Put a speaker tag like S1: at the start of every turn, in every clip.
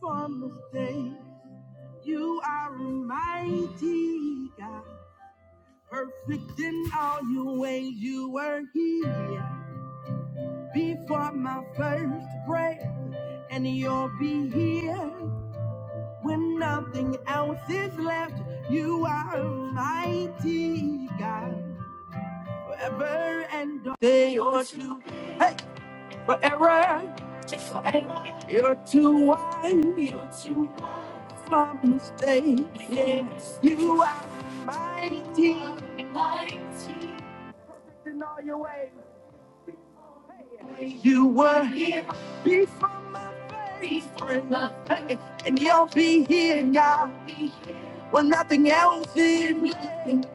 S1: From this day, you are a mighty God, perfect in all your ways. You were here before my first breath, and you'll be here when nothing else is left. You are a mighty God, forever and all. They are too, hey, forever. You're too wide. You're too from mistake. Yes, you are mine in all your ways. You were before my face, and you'll be here God, when nothing else is left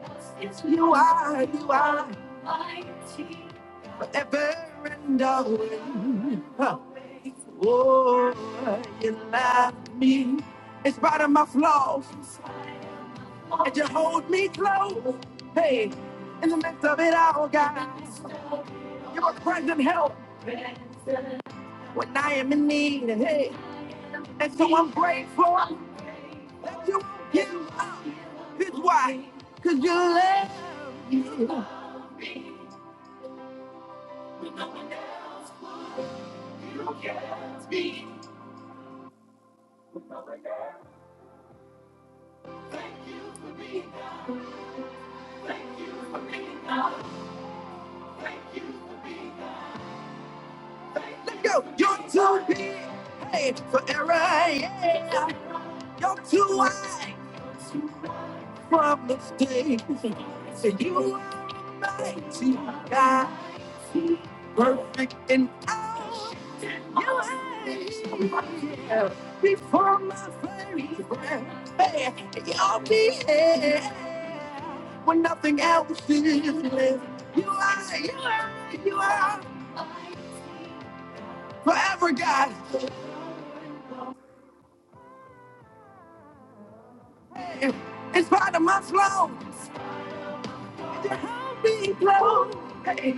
S1: forever and always. Huh. Oh, you love me. in spite of my flaws. You hold me close. Hey, in the midst of it all, God, you're a present help when I am in need. Hey, and so I'm grateful. that you won't give up. It's why, cause you love me. Let go. You're too big, hey, for error, yeah. You're too wide for mistakes. So you are mighty, God, perfect in all ways. yeah. Before my very breath, hey, you will be here when nothing else is. You are, you are, you are. forever, God. Hey, in spite of my flaws, you held me close. Hey, in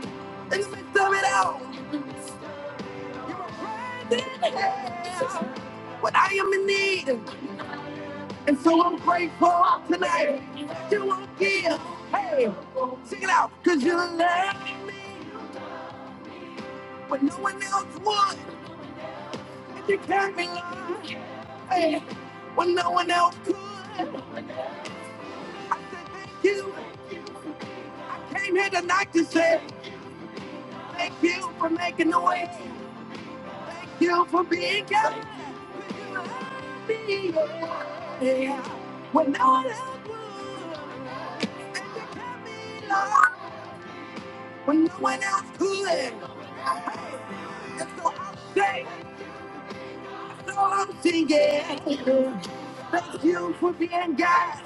S1: the midst of it all, you were present. Hey, When I am in need, and so I'm grateful that you won't give. Hey, sing it out, cause you love me when no one else would. And you kept me alive, hey, when no one else could. I said thank you. I came here tonight to say thank you for making the way. you for being kind to me. Yeah. When no one else would, and you kept me alive when no one else could. And so I'm saying, so I'm singing. Thank you for being God.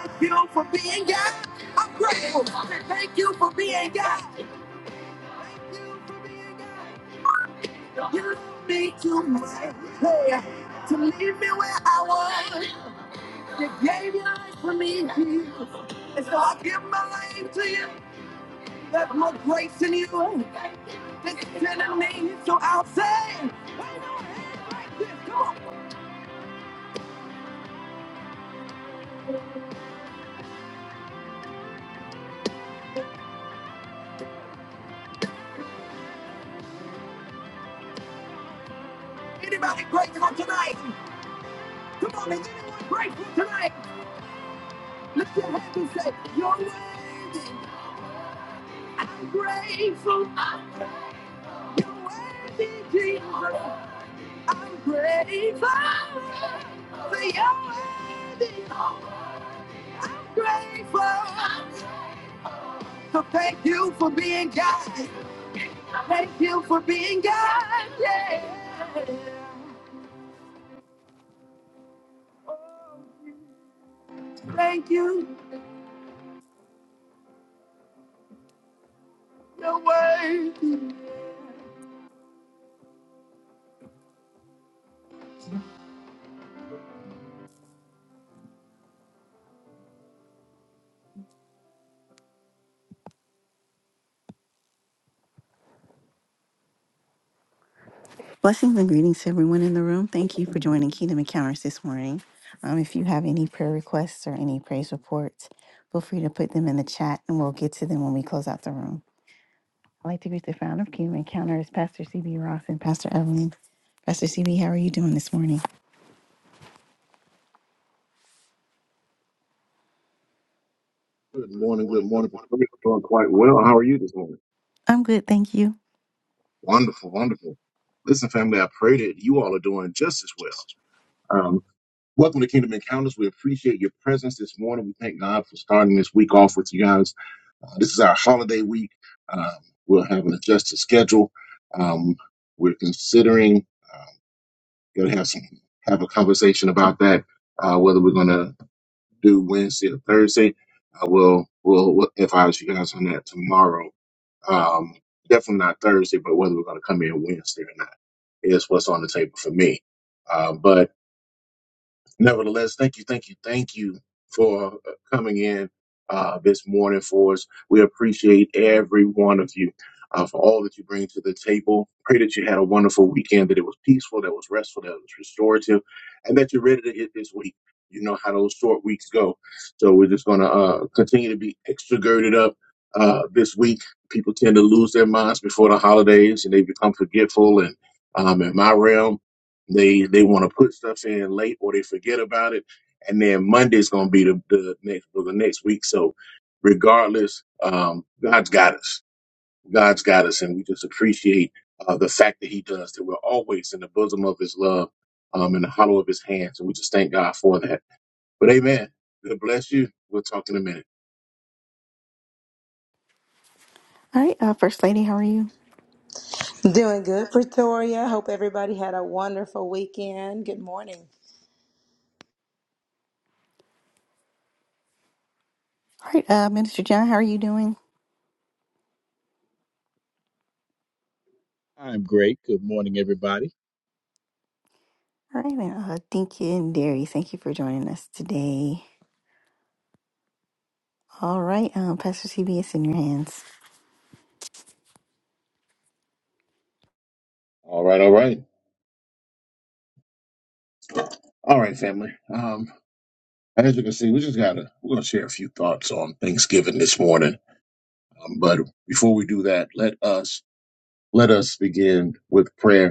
S1: Thank you for being God. I'm grateful. Thank you for being God. You love me too much yeah, to leave me where I was. You gave your life for me, Jesus. And so I give my life to you. That's my grace in you. This is in the name. So I'll say, wave your hand like this. Come on. Anybody grateful tonight? Come on, is anyone grateful tonight? Lift your hand and say, You're worthy. I'm grateful. You're worthy, Jesus. I'm grateful. Say, You're worthy. I'm grateful. So thank you for being God. Thank you for being God. Yeah. Thank you. Your word. Blessings and greetings to everyone in the room. Thank you for joining Kingdom Encounters this morning. Um, if you have any prayer requests or any praise reports, feel free to put them in the chat and we'll get to them when we close out the room. I'd like to greet the founder of Kingdom Encounters, Pastor CB Ross and Pastor Evelyn. Pastor CB, how are you doing this morning?
S2: Good morning, good morning. Victoria. Doing quite well. How are you this morning?
S1: I'm good, thank you.
S2: Wonderful, wonderful. Listen, family, I pray that you all are doing just as well. Um, welcome to Kingdom Encounters. We appreciate your presence this morning. We thank God for starting this week off with you guys. Uh, this is our holiday week. Um, we'll have an adjusted schedule. Um, we're considering uh, going to have some have a conversation about that. Uh, whether we're going to do Wednesday or Thursday, uh, we'll we'll we'll advise you guys on that tomorrow. Um, definitely not Thursday, but whether we're going to come in Wednesday or not is what's on the table for me. Uh, but Nevertheless, thank you, thank you, thank you for uh, coming in uh, this morning for us. We appreciate every one of you uh, for all that you bring to the table. Pray that you had a wonderful weekend, that it was peaceful, that it was restful, that it was restorative, and that you're ready to hit this week. You know how those short weeks go. So we're just going to uh, continue to be extra girded up uh, this week. People tend to lose their minds before the holidays and they become forgetful and um, in my realm. They they want to put stuff in late or they forget about it, and then Monday's going to be the, the next or the next week. So, regardless, um, God's got us. God's got us, and we just appreciate uh, the fact that He does that. We're always in the bosom of His love, um, in the hollow of His hands, and we just thank God for that. But Amen. God bless you. We'll talk in a minute.
S1: All right, uh, First Lady, how are you?
S3: Doing good, Pretoria. Hope everybody had a wonderful weekend. Good morning.
S1: All right, uh, Minister John, how are you doing?
S4: I'm great. Good morning, everybody.
S1: All right, and uh, Dinky and Derry, thank you for joining us today. All right, um, Pastor CB, it's in your hands.
S2: All right. All right. All right, family. Um, as you can see, we just gotta we're gonna share a few thoughts on Thanksgiving this morning. Um, but before we do that, let us Let us begin with prayer.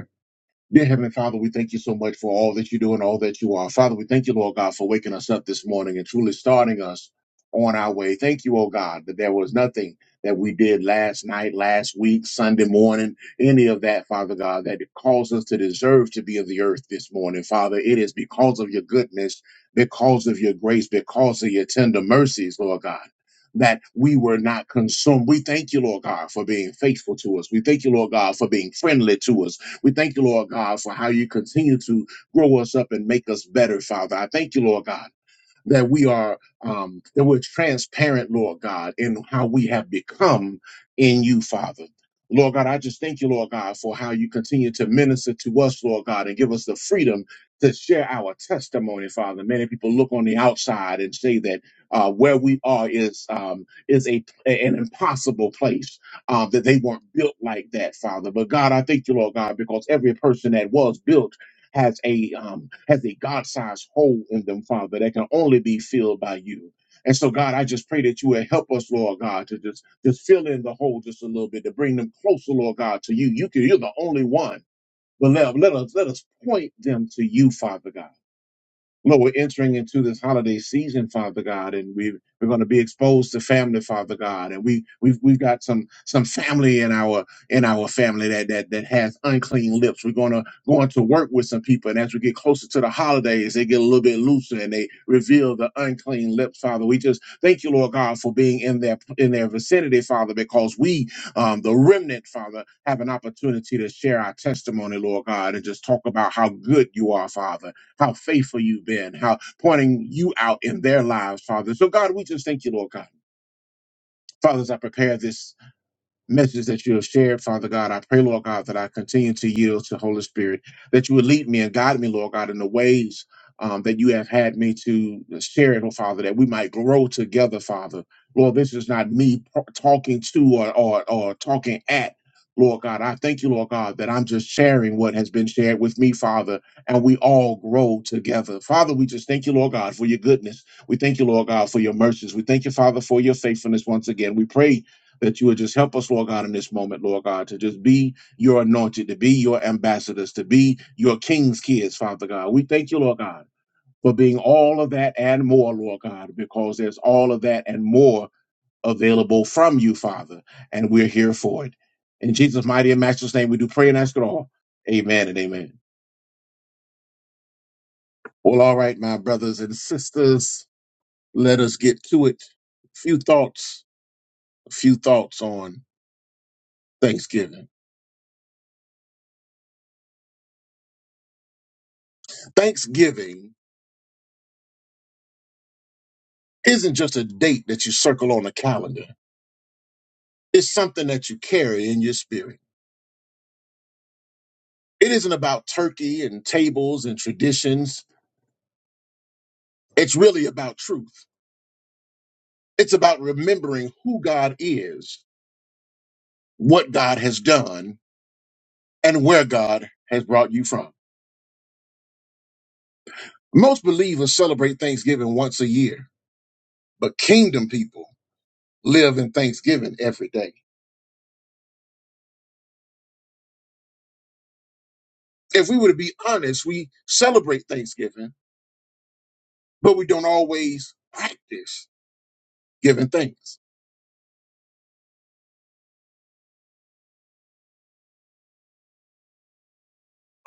S2: Dear Heavenly Father, we thank you so much for all that you do and all that you are. Father, we thank you, Lord God, for waking us up this morning and truly starting us on our way. Thank you, oh God, that there was nothing that we did last night, last week, Sunday morning, any of that, Father God, that caused us to deserve to be of the earth this morning. Father, it is because of your goodness, because of your grace, because of your tender mercies, Lord God. That we were not consumed. We thank you, Lord God, for being faithful to us. We thank you, Lord God, for being friendly to us. We thank you, Lord God, for how you continue to grow us up and make us better, Father. I thank you, Lord God that we are um, that we're transparent, Lord God, in how we have become in you, Father. Lord God, I just thank you, Lord God, for how you continue to minister to us, Lord God, and give us the freedom to share our testimony, Father. Many people look on the outside and say that uh, where we are is um, is a an impossible place uh, that they weren't built like that, Father. But God, I thank you, Lord God, because every person that was built has a um, has a God-sized hole in them, Father, that can only be filled by you. And so, God, I just pray that you will help us, Lord God, to just just fill in the hole just a little bit, to bring them closer, Lord God, to you. You can, you're the only one. But let, let us let us point them to you, Father God. Lord, we're entering into this holiday season, Father God, and we we're going to be exposed to family, Father God, and we we've we've got some some family in our in our family that that that has unclean lips. We're gonna going to work with some people, and as we get closer to the holidays, they get a little bit looser and they reveal the unclean lips, Father. We just thank you, Lord God, for being in their in their vicinity, Father, because we, um, the remnant, Father, have an opportunity to share our testimony, Lord God, and just talk about how good you are, Father how faithful you've been, how pointing you out in their lives, Father. So, God, we just thank you, Lord God. Fathers, I prepare this message that you have shared, Father God. I pray, Lord God, that I continue to yield to Holy Spirit, that you would lead me and guide me, Lord God, in the ways um, that you have had me to share it, oh Father, that we might grow together, Father. Lord, this is not me p- talking to or, or, or talking at. Lord God, I thank you, Lord God, that I'm just sharing what has been shared with me, Father, and we all grow together. Father, we just thank you, Lord God, for your goodness. We thank you, Lord God, for your mercies. We thank you, Father, for your faithfulness once again. We pray that you would just help us, Lord God, in this moment, Lord God, to just be your anointed, to be your ambassadors, to be your king's kids, Father God. We thank you, Lord God, for being all of that and more, Lord God, because there's all of that and more available from you, Father, and we're here for it. In Jesus' mighty and matchless name, we do pray and ask it all. Amen and amen. Well, all right, my brothers and sisters, let us get to it. A few thoughts, a few thoughts on Thanksgiving. Thanksgiving isn't just a date that you circle on a calendar. It's something that you carry in your spirit. It isn't about turkey and tables and traditions. It's really about truth. It's about remembering who God is, what God has done, and where God has brought you from. Most believers celebrate Thanksgiving once a year, but kingdom people live in Thanksgiving every day. If we were to be honest, we celebrate Thanksgiving, but we don't always practice giving thanks.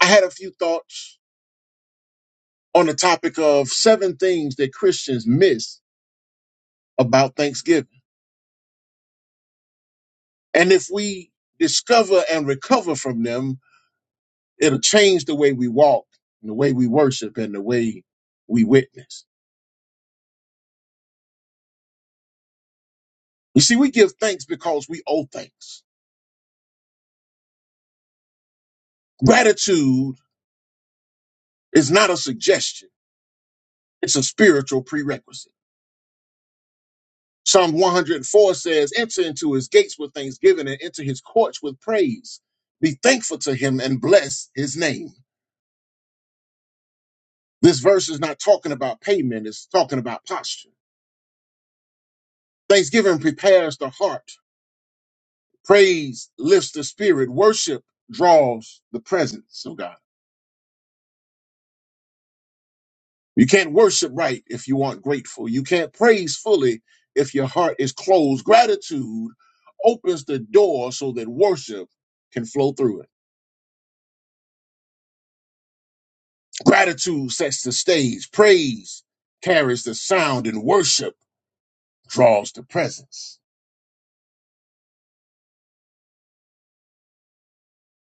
S2: I had a few thoughts on the topic of seven things that Christians miss about Thanksgiving. And if we discover and recover from them, it'll change the way we walk, and the way we worship, and the way we witness. You see, we give thanks because we owe thanks. Gratitude is not a suggestion, it's a spiritual prerequisite. Psalm 104 says, Enter into his gates with thanksgiving and enter his courts with praise. Be thankful to him and bless his name. This verse is not talking about payment, it's talking about posture. Thanksgiving prepares the heart, praise lifts the spirit, worship draws the presence of God. You can't worship right if you aren't grateful. You can't praise fully if your heart is closed. Gratitude opens the door so that worship can flow through it. Gratitude sets the stage, praise carries the sound, and worship draws the presence.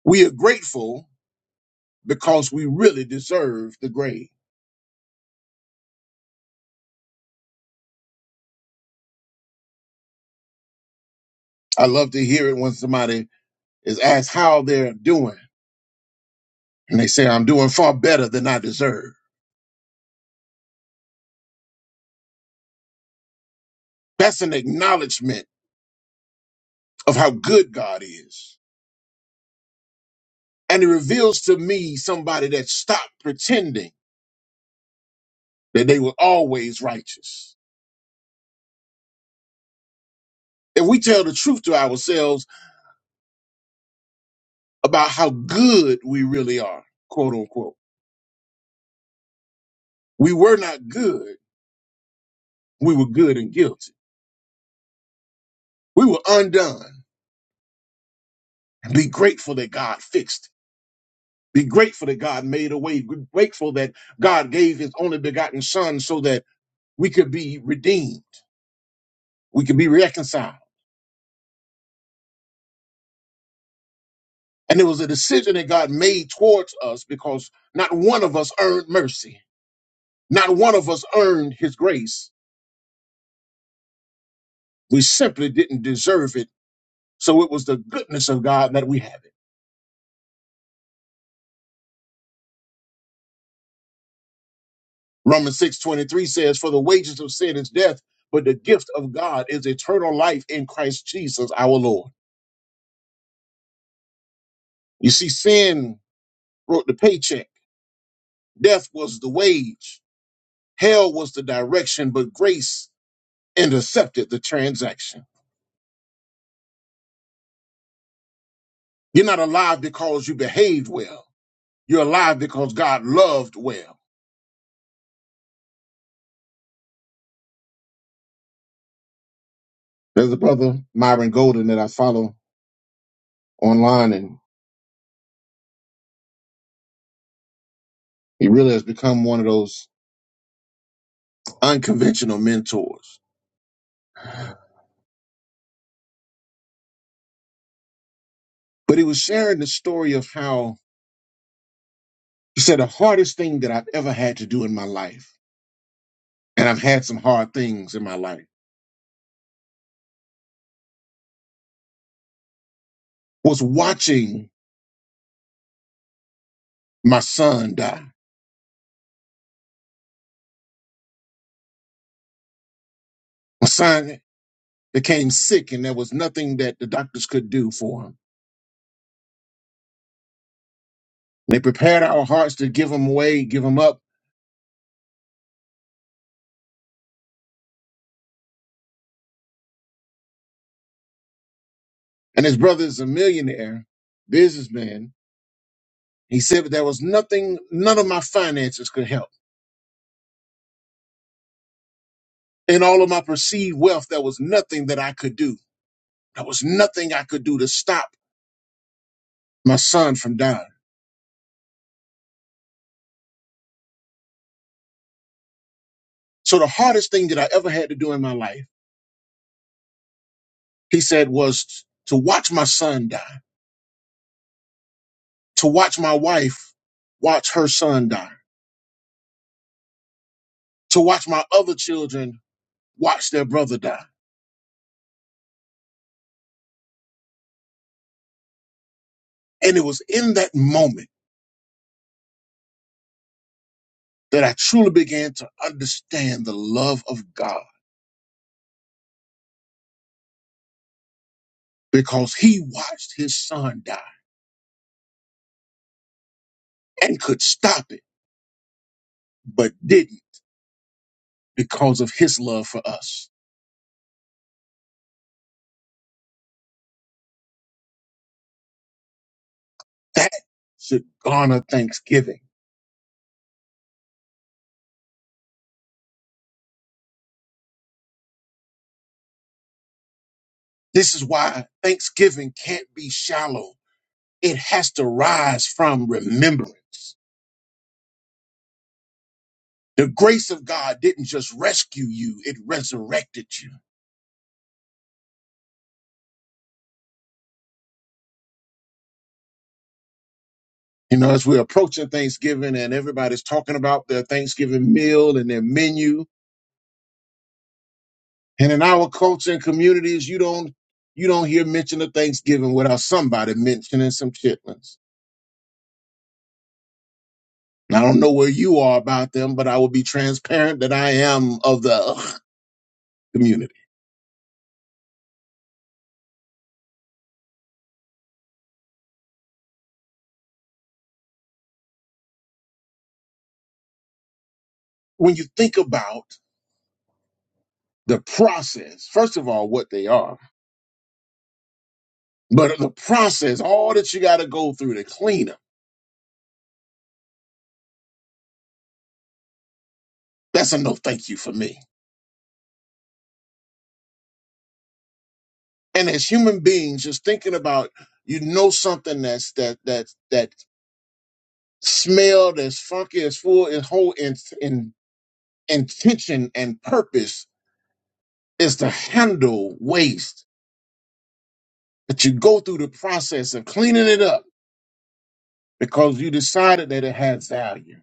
S2: We are grateful because we really deserve the grave. I love to hear it when somebody is asked how they're doing, and they say, I'm doing far better than I deserve. That's an acknowledgement of how good God is. And it reveals to me somebody that stopped pretending that they were always righteous. If we tell the truth to ourselves about how good we really are, quote unquote, we were not good. We were good and guilty. We were undone. And be grateful that God fixed it. Be grateful that God made a way. Be grateful that God gave his only begotten son so that we could be redeemed. We could be reconciled. And it was a decision that God made towards us because not one of us earned mercy. Not one of us earned his grace. We simply didn't deserve it. So it was the goodness of God that we have it. Romans 6 23 says, For the wages of sin is death, but the gift of God is eternal life in Christ Jesus our Lord. You see, sin wrote the paycheck Death was the wage, hell was the direction, but grace intercepted the transaction. You're not alive because you behaved well. You're alive because God loved well. There's a brother, Myron Golden, that I follow online, and he really has become one of those unconventional mentors. But he was sharing the story of how he said, The hardest thing that I've ever had to do in my life, and I've had some hard things in my life, was watching my son die. My son became sick and there was nothing that the doctors could do for him. They prepared our hearts to give him away, give him up. And his brother is a millionaire, businessman. He said, but there was nothing, none of my finances could help. In all of my perceived wealth, there was nothing that I could do. There was nothing I could do to stop my son from dying. So the hardest thing that I ever had to do in my life, he said, was to watch my son die, to watch my wife watch her son die, to watch my other children Watched their brother die. And it was in that moment that I truly began to understand the love of God because he watched his son die and could stop it, but didn't because of his love for us. That should garner thanksgiving. This is why thanksgiving can't be shallow. It has to rise from remembrance. The grace of God didn't just rescue you, it resurrected you. You know, as we're approaching Thanksgiving and everybody's talking about their Thanksgiving meal and their menu. And in our culture and communities, you don't you don't hear mention of Thanksgiving without somebody mentioning some chitlins. And I don't know where you are about them, but I will be transparent that I am of the ugh community. When you think about the process, first of all, what they are, but the process, all that you got to go through to clean them, that's a no thank you for me. and as human beings just thinking about you know something that's that that that smell that's funky that's full and whole in, in intention and purpose is to handle waste but you go through the process of cleaning it up because you decided that it had value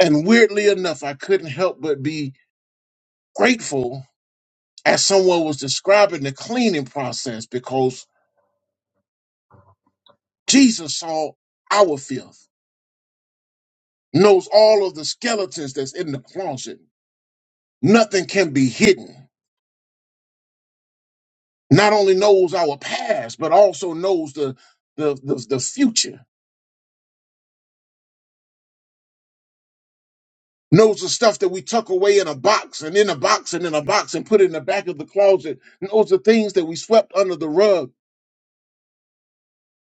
S2: and weirdly enough i couldn't help but be grateful as someone was describing the cleaning process because jesus saw our filth knows all of the skeletons that's in the closet nothing can be hidden. Not only knows our past, but also knows the the the, the future. Knows the stuff that we tuck away in a box and in a box and in a box and put in the back of the closet. Knows the things that we swept under the rug.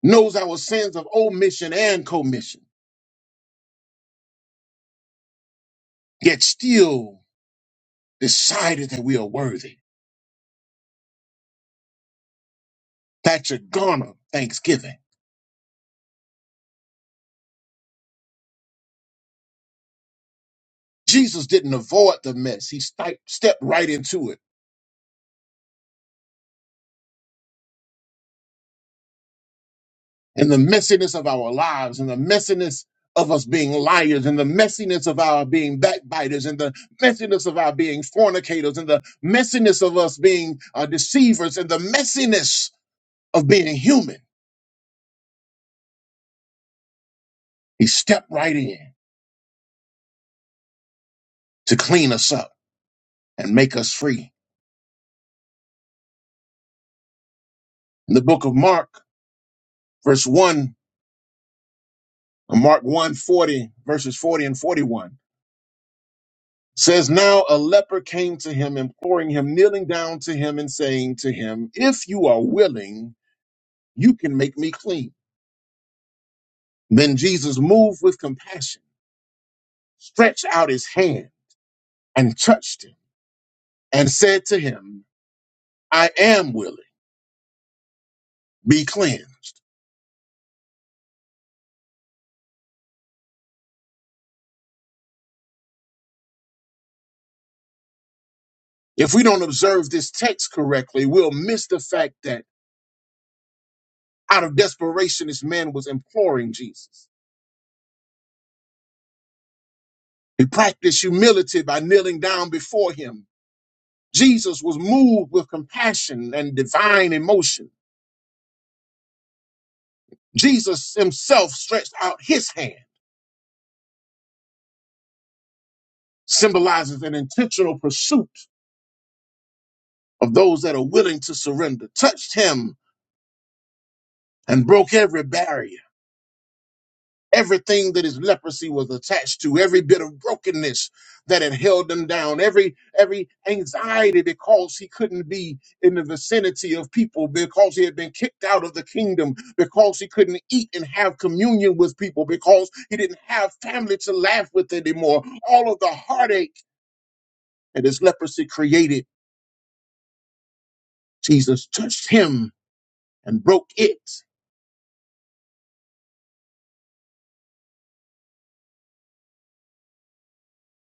S2: Knows our sins of omission and commission. Yet still decided that we are worthy. That should garner thanksgiving. Jesus didn't avoid the mess. He sti- stepped right into it and the messiness of our lives and the messiness of us being liars and the messiness of our being backbiters and the messiness of our being fornicators and the messiness of us being uh, deceivers and the messiness of being human. He stepped right in to clean us up and make us free. In the book of Mark, verse 1, uh, Mark one 40 verses 40 and 41 says, Now a leper came to him, imploring him, kneeling down to him and saying to him, 'If you are willing, You can make me clean. Then Jesus moved with compassion, stretched out his hand, and touched him, and said to him, I am willing, be cleansed. If we don't observe this text correctly, we'll miss the fact that out of desperation, this man was imploring Jesus. He practiced humility by kneeling down before him. Jesus was moved with compassion and divine emotion. Jesus himself stretched out his hand, symbolizes an intentional pursuit of those that are willing to surrender, touched him and broke every barrier. Everything that his leprosy was attached to, every bit of brokenness that had held him down, every every anxiety because he couldn't be in the vicinity of people, because he had been kicked out of the kingdom, because he couldn't eat and have communion with people, because he didn't have family to laugh with anymore. All of the heartache that his leprosy created, Jesus touched him and broke it.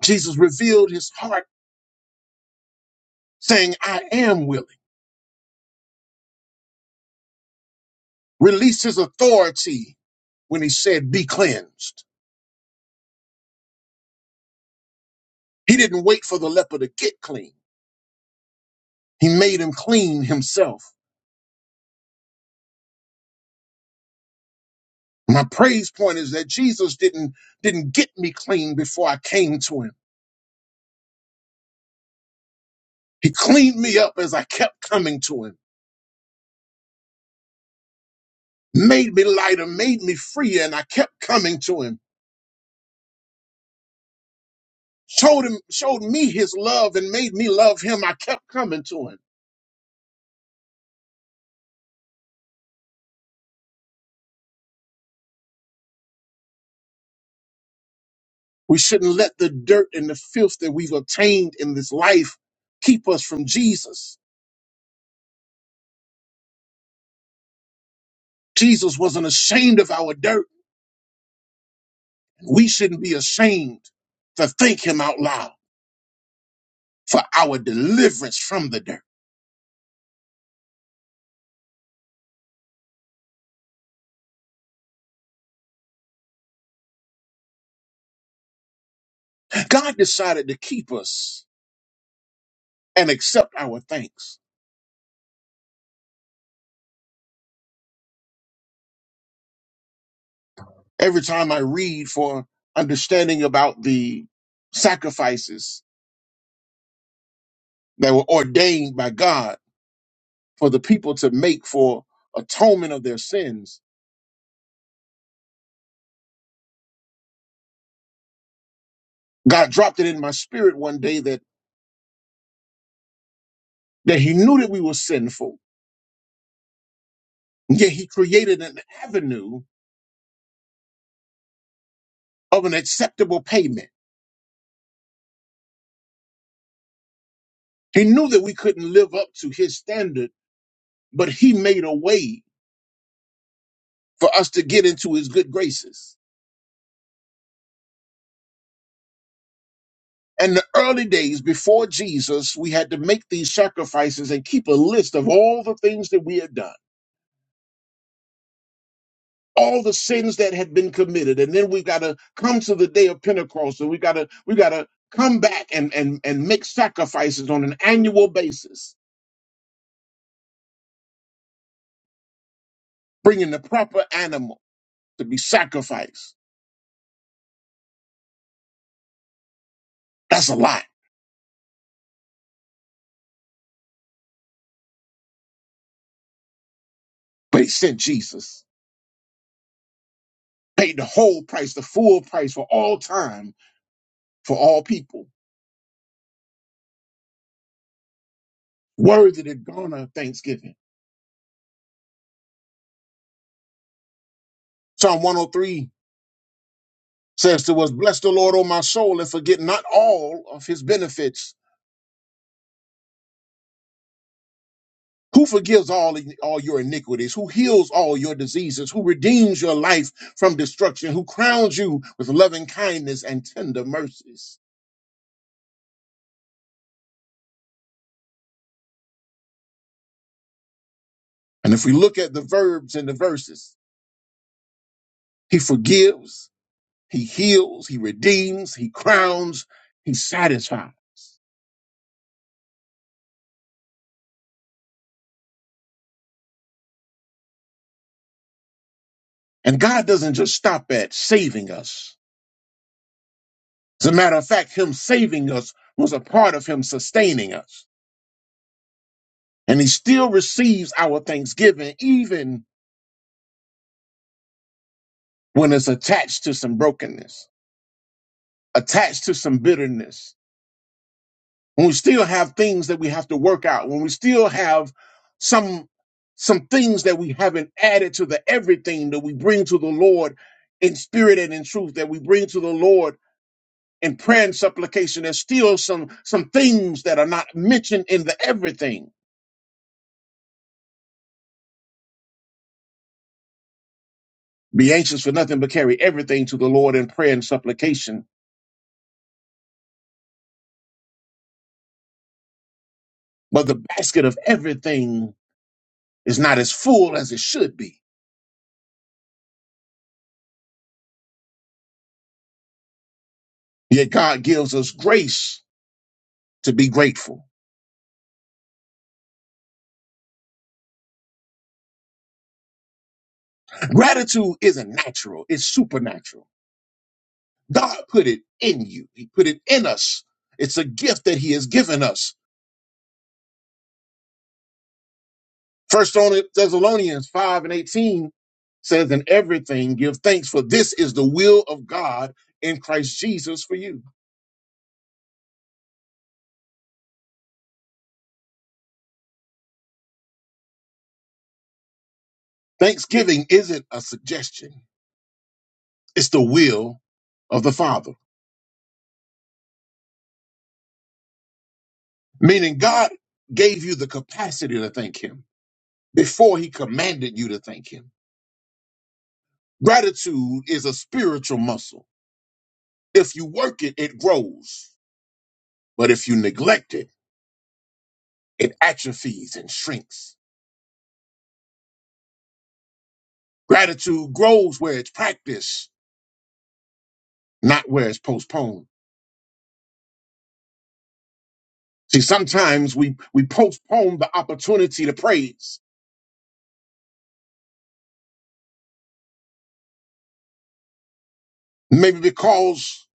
S2: Jesus revealed his heart saying, I am willing. released his authority when he said, Be cleansed. He didn't wait for the leper to get clean. He made him clean himself. My praise point is that Jesus didn't, didn't get me clean before I came to him. He cleaned me up as I kept coming to him, made me lighter, made me freer, and I kept coming to him. Showed him, showed me his love and made me love him. I kept coming to him. We shouldn't let the dirt and the filth that we've obtained in this life keep us from Jesus. Jesus wasn't ashamed of our dirt. We shouldn't be ashamed to thank him out loud for our deliverance from the dirt. God decided to keep us and accept our thanks. Every time I read for understanding about the sacrifices that were ordained by God for the people to make for atonement of their sins, God dropped it in my spirit one day that. that he knew that we were sinful, yet he created an avenue of an acceptable payment. He knew that we couldn't live up to his standard, but he made a way for us to get into his good graces. In the early days before Jesus, we had to make these sacrifices and keep a list of all the things that we had done, all the sins that had been committed. And then we got to come to the day of Pentecost and we got to, we got to come back and, and, and make sacrifices on an annual basis bringing the proper animals. to be sacrificed. That's a lot. But he sent Jesus, paid the whole price, the full price for all time, for all people. Worthy to garner thanksgiving. Psalm 103 says to us, Bless the Lord, O my soul, and forget not all of his benefits. Who forgives all, all your iniquities? Who heals all your diseases? Who redeems your life from destruction? Who crowns you with loving kindness and tender mercies? And if we look at the verbs and the verses, he forgives, He heals, he redeems, he crowns, he satisfies. And God doesn't just stop at saving us. As a matter of fact, him saving us was a part of him sustaining us. And he still receives our thanksgiving, even when it's attached to some brokenness, attached to some bitterness, when we still have things that we have to work out, when we still have some some things that we haven't added to the everything that we bring to the Lord in spirit and in truth that we bring to the Lord in prayer and supplication, there's still some some things that are not mentioned in the everything. Be anxious for nothing, but carry everything to the Lord in prayer and supplication. But the basket of everything is not as full as it should be. Yet God gives us grace to be grateful. Gratitude isn't natural, it's supernatural. God put it in you, He put it in us. It's a gift that He has given us First Thessalonians 5 and 18 says, In everything give thanks, for this is the will of God in Christ Jesus for you. Thanksgiving isn't a suggestion, it's the will of the Father. Meaning God gave you the capacity to thank Him before He commanded you to thank Him. Gratitude is a spiritual muscle. If you work it, it grows. But if you neglect it, it atrophies and shrinks. Gratitude grows where it's practiced not where it's postponed. See, sometimes we, we postpone the opportunity to praise, maybe because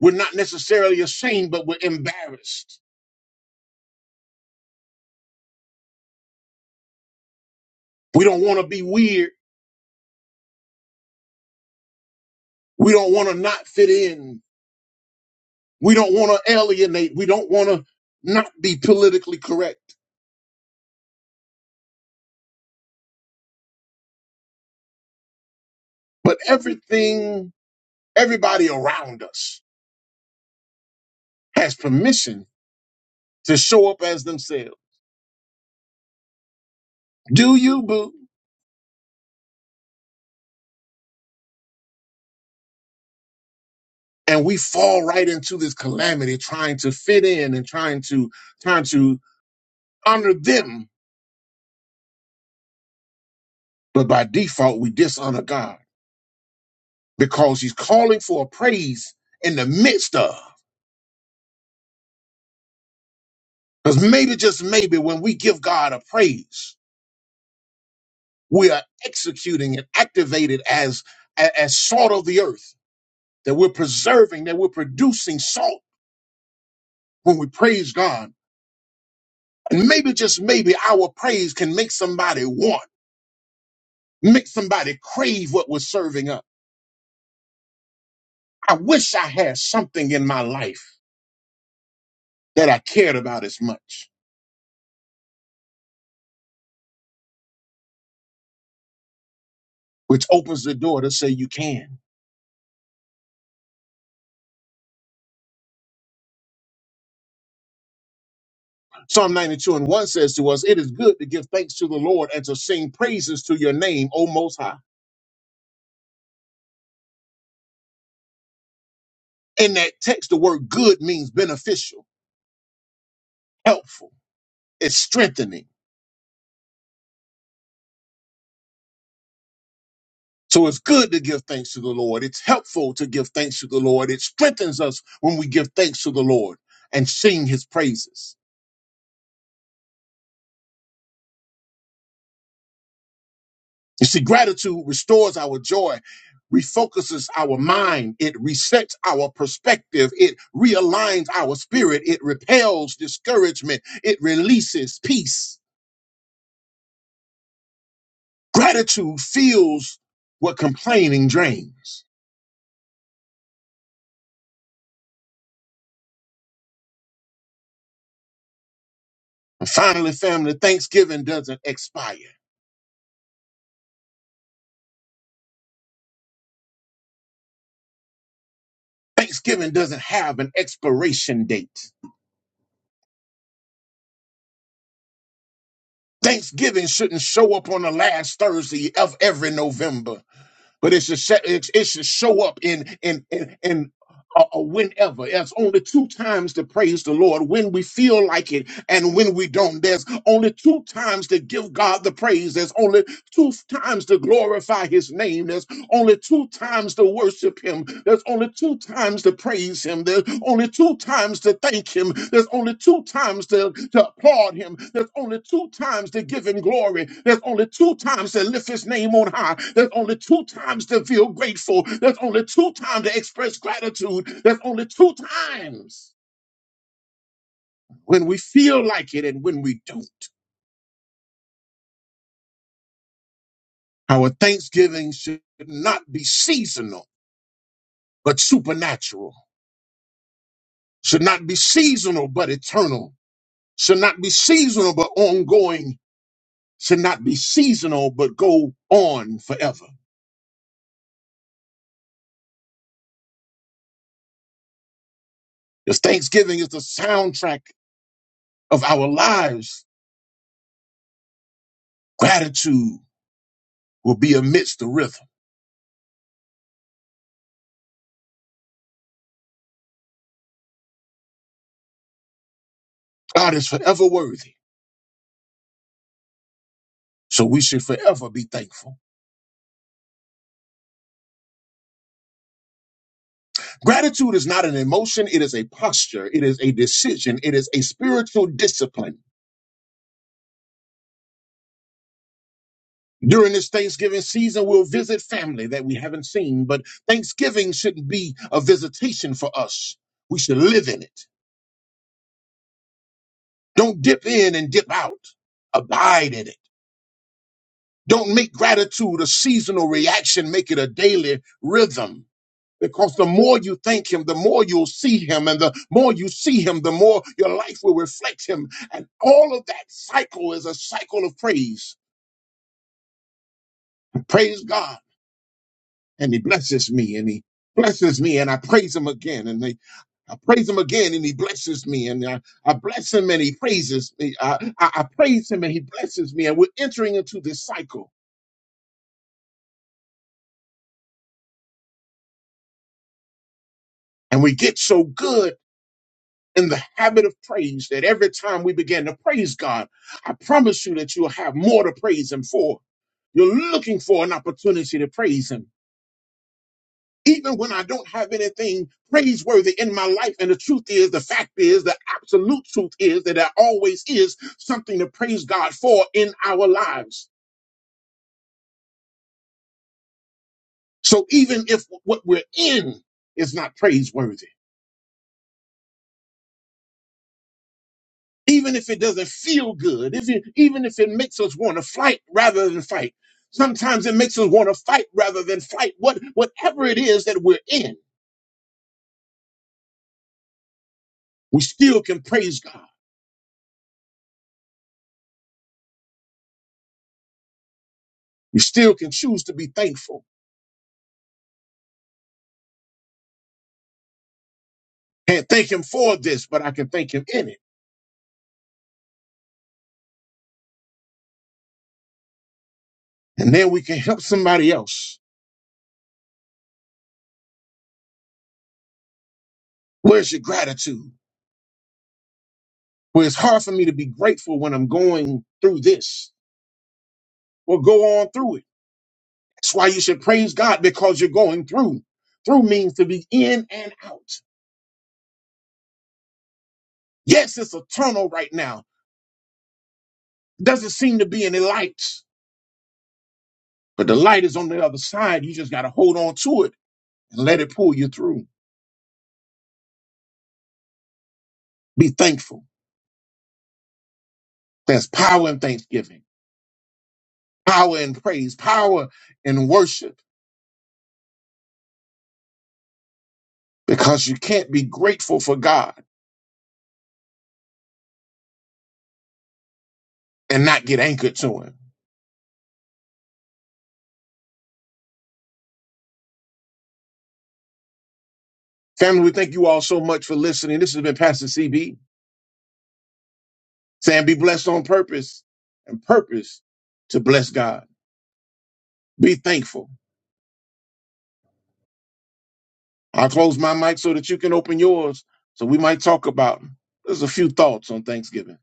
S2: we're not necessarily ashamed, but we're embarrassed. We don't want to be weird. We don't want to not fit in. We don't want to alienate. We don't want to not be politically correct. But everything, everybody around us has permission to show up as themselves. Do you, boo? And we fall right into this calamity trying to fit in and trying to trying to honor them, but by default, we dishonor God because He's calling for a praise in the midst of. Because maybe, just maybe, when we give God a praise, we are executing and activated as, a- as salt of the earth, that we're preserving, that we're producing salt when we praise God. And maybe, just maybe, our praise can make somebody want, make somebody crave what we're serving up. I wish I had something in my life that I cared about as much. which opens the door to say you can. Psalm 92 and 1 says to us, It is good to give thanks to the Lord and to sing praises to your name, O Most High. In that text, the word good means beneficial, helpful, it's strengthening. So it's good to give thanks to the Lord. It's helpful to give thanks to the Lord. It strengthens us when we give thanks to the Lord and sing his praises. You see, gratitude restores our joy, refocuses our mind, it resets our perspective, it realigns our spirit, it repels discouragement, it releases peace. Gratitude feels what complaining drains. And finally, family, Thanksgiving doesn't expire. Thanksgiving doesn't have an expiration date. Thanksgiving shouldn't show up on the last Thursday of every November. but it's to set, it's, it's to show up in in in, in uh, uh, whenever. There's only two times to praise the Lord when we feel like it and when we don't. There's only two times to give God the praise. There's only two times to glorify His name. There's only two times to worship him. There's only two times to praise him. There's only two times to thank him. There's only two times to, to applaud him. There's only two times to give him glory. There's only two times to lift his name on high. There's only two times to feel grateful. There's only two times to express gratitude. There's only two times when we feel like it and when we don't. Our thanksgiving should not be seasonal, but supernatural. Should not be seasonal, but eternal should not be seasonal but ongoing should not be seasonal but go on forever because thanksgiving is the soundtrack of our lives gratitude will be amidst the rhythm god is forever worthy so we should forever be thankful gratitude is not an emotion it is a posture it is a decision it is a spiritual discipline during this Thanksgiving season, we'll visit family that we haven't seen, but Thanksgiving shouldn't be a visitation for us. We should live in it. Don't dip in and dip out. Abide in it. Don't make gratitude a seasonal reaction, make it a daily rhythm. Because the more you thank him, the more you'll see him. And the more you see him, the more your life will reflect him. And all of that cycle is a cycle of praise. Praise God. And he blesses me and he blesses me and I praise him again. And they, I praise him again and he blesses me. And I, I bless him and he praises me. I, I, I praise him and he blesses me. And we're entering into this cycle And we get so good in the habit of praise that every time we begin to praise God, I promise you that you'll have more to praise Him for. You're looking for an opportunity to praise Him. Even when I don't have anything praiseworthy in my life. And the truth is, the fact is, the absolute truth is that there always is something to praise God for in our lives. So even if what we're in is not praiseworthy, even if it doesn't feel good, if it, even if it makes us want to fight rather than fight. Sometimes it makes us want to fight rather than fight. What, whatever it is that we're in, we still can praise God. We still can choose to be thankful. Can't thank Him for this, but I can thank Him in it. And then we can help somebody else. Where's your gratitude? Where it's hard for me to be grateful when I'm going through this. Well, go on through it. That's why you should praise God because you're going through. Through means to be in and out. Yes, it's a tunnel right now. Doesn't seem to be any lights, but the light is on the other side. You just got to hold on to it and let it pull you through. Be thankful. There's power in thanksgiving, power in praise, power in worship, because you can't be grateful for God and not get anchored to Him. Family, we thank you all so much for listening. This has been Pastor CB saying, Be blessed on purpose and purpose to bless God. Be thankful I'll close my mic so that you can open yours. So we might talk about there's a few thoughts on Thanksgiving.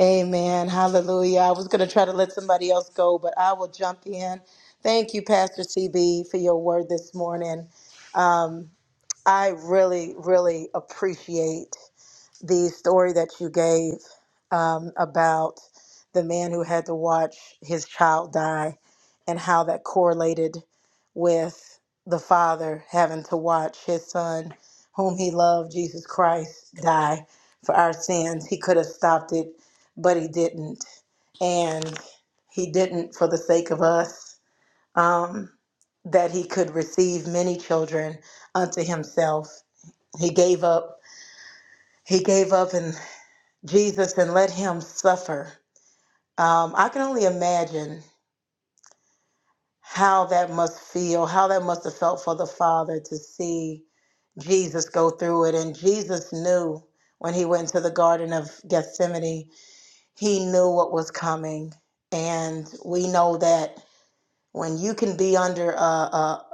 S3: Amen. Hallelujah. I was going to try to let somebody else go, but I will jump in. Thank you, Pastor CB, for your word this morning. Um, I really, really appreciate. the story that you gave um, about the man who had to watch his child die and how that correlated with the father having to watch his son, whom he loved, Jesus Christ, die for our sins. He could have stopped it, but he didn't. And he didn't for the sake of us, um, that he could receive many children unto himself. He gave up. He gave up and. Jesus and let him suffer. Um, I can only imagine how that must feel, how that must have felt for the Father to see Jesus go through it. And Jesus knew when he went to the Garden of Gethsemane, he knew what was coming. And we know that when you can be under a, a,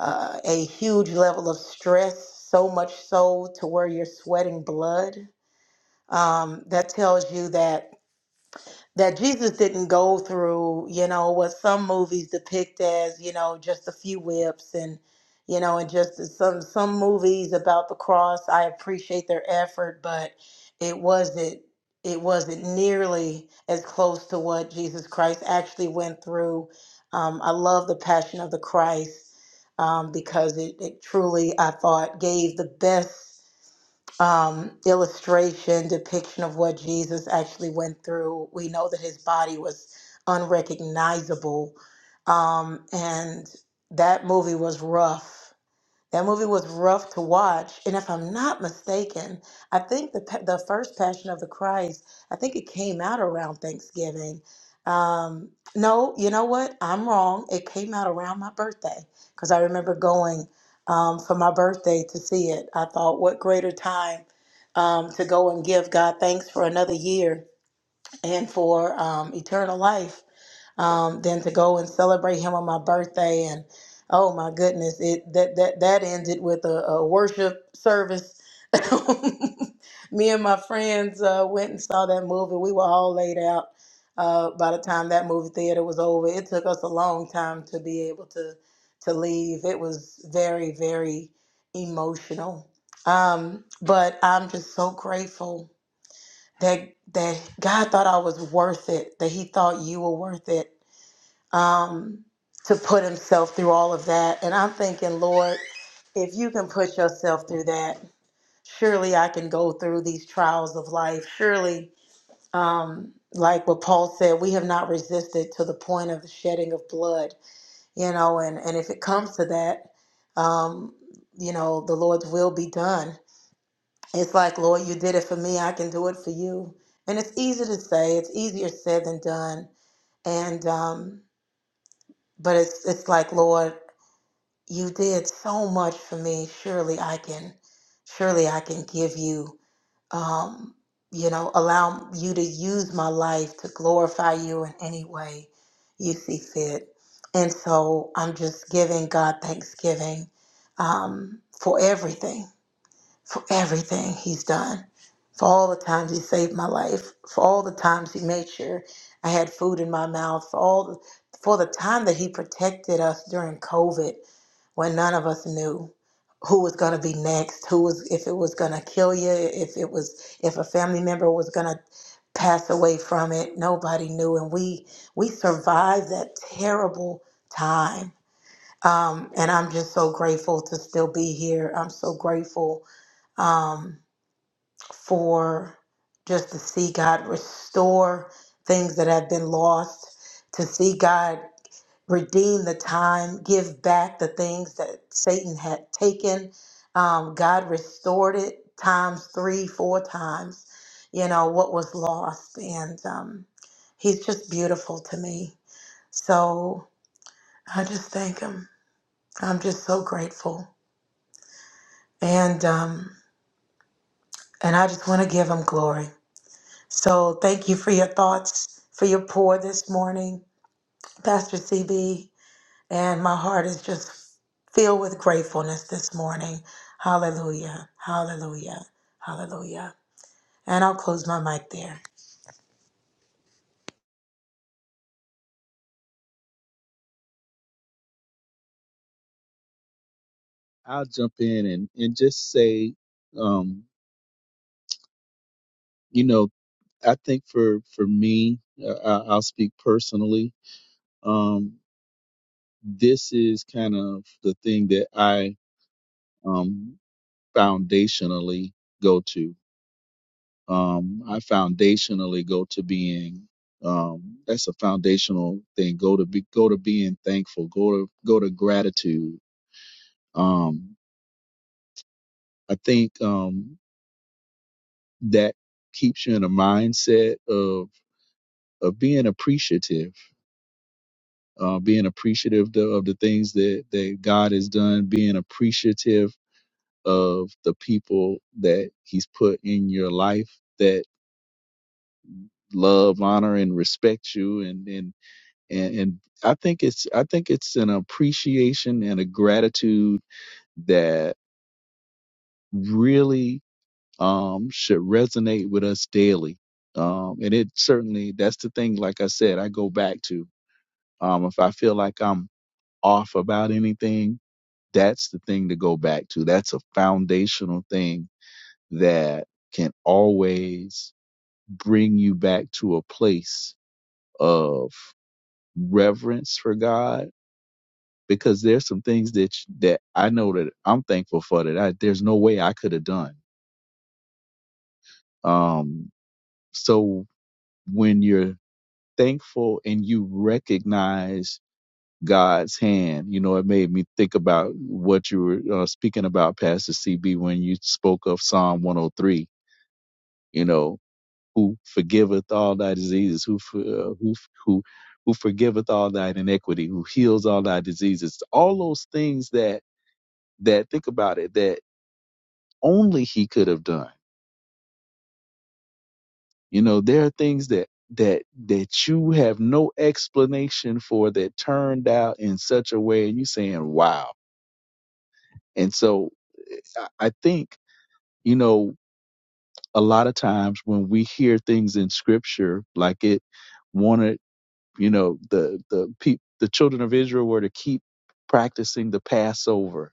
S3: a, a huge level of stress, so much so to where you're sweating blood, um, that tells you that that Jesus didn't go through, you know, what some movies depict as, you know, just a few whips and, you know, and just some some movies about the cross. I appreciate their effort, but it wasn't it wasn't nearly as close to what Jesus Christ actually went through. Um, I love the Passion of the Christ um, because it, it truly, I thought, gave the best um, illustration, depiction of what Jesus actually went through. We know that his body was unrecognizable. Um, and that movie was rough. That movie was rough to watch, and if I'm not mistaken, I think the pa- the first Passion of the Christ, I think it came out around Thanksgiving. Um, no, you know what? I'm wrong. It came out around my birthday because I remember going um, for my birthday to see it. I thought, what greater time um, to go and give God thanks for another year and for um, eternal life um, than to go and celebrate him on my birthday. And oh my goodness, it that that that ended with a, a worship service. Me and my friends uh, went and saw that movie. We were all laid out uh, by the time that movie theater was over. It took us a long time to be able to to leave. It was very very emotional. Um, but I'm just so grateful that that God thought I was worth it. That He thought you were worth it um, to put himself through all of that. And I'm thinking, Lord, if you can put yourself through that, surely I can go through these trials of life. Surely, um, like what Paul said, we have not resisted to the point of the shedding of blood, you know, and, and if it comes to that, um, you know, the Lord's will be done. It's like, Lord, you did it for me, I can do it for you. And it's easy to say, it's easier said than done. And um, but it's it's like, Lord, you did so much for me surely i can surely i can give you um you know allow you to use my life to glorify you in any way you see fit and so i'm just giving god thanksgiving um, for everything for everything he's done for all the times he saved my life for all the times he made sure i had food in my mouth for all the for the time that he protected us during covid when none of us knew who was going to be next, who was if it was going to kill you, if it was if a family member was going to pass away from it. Nobody knew, and we we survived that terrible time. Um, and I'm just so grateful to still be here. I'm so grateful um, for just to see God restore things that have been lost, to see God redeem the time, give back the things that Satan had taken. Um, God restored it times three, four times, you know, what was lost. And um, he's just beautiful to me. So I just thank him. I'm just so grateful. And, um, and I just want to give him glory. So thank you for your thoughts, for your pour this morning, Pastor CB. And my heart is just filled with gratefulness this morning. Hallelujah. Hallelujah. Hallelujah. And I'll close my mic there.
S4: I'll jump in and, and just say, um, you know, I think for for me, uh, I- I'll speak personally. Um, this is kind of the thing that I um, foundationally go to. Um, I foundationally go to being. Um, that's a foundational thing. Go to be go to being thankful. Go to go to gratitude. Um, I think. Um, that keeps you in a mindset of of being appreciative, uh, being appreciative the, of the things that that God has done, being appreciative of the people that He's put in your life that love, honor, and respect you, and and and, and I think it's I think it's an appreciation and a gratitude that really um, should resonate with us daily. Um, and it certainly that's the thing. Like I said, I go back to. Um, if I feel like I'm off about anything, that's the thing to go back to. That's a foundational thing that can always bring you back to a place of reverence for God. Because there's some things that that I know that I'm thankful for that I, there's no way I could have done. Um, so when you're thankful and you recognize God's hand. You know, it made me think about what you were uh, speaking about, Pastor CB, when you spoke of Psalm 103. You know, who forgiveth all thy diseases, who uh, who who who forgiveth all thy iniquity, who heals all thy diseases. All those things that that think about it that only He could have done. You know, there are things that that that you have no explanation for that turned out in such a way, and you're saying, "Wow!" And so, eh, I think you know, a lot of times when we hear things in scripture, like it wanted, you know, the, the people, the children of Israel were to keep practicing the Passover,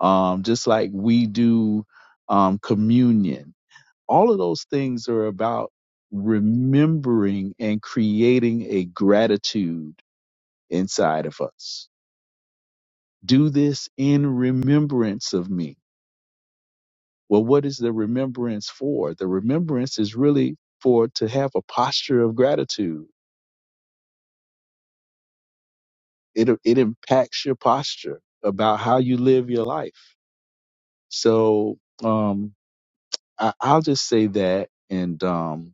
S4: um, just like we do, um, communion. All of those things are about remembering and creating a gratitude inside of us. Do this in remembrance of me Well, what is the remembrance for? The remembrance is really for to have a posture of gratitude. It it impacts your posture about how you live your life. So um, I, I'll just say that, and um,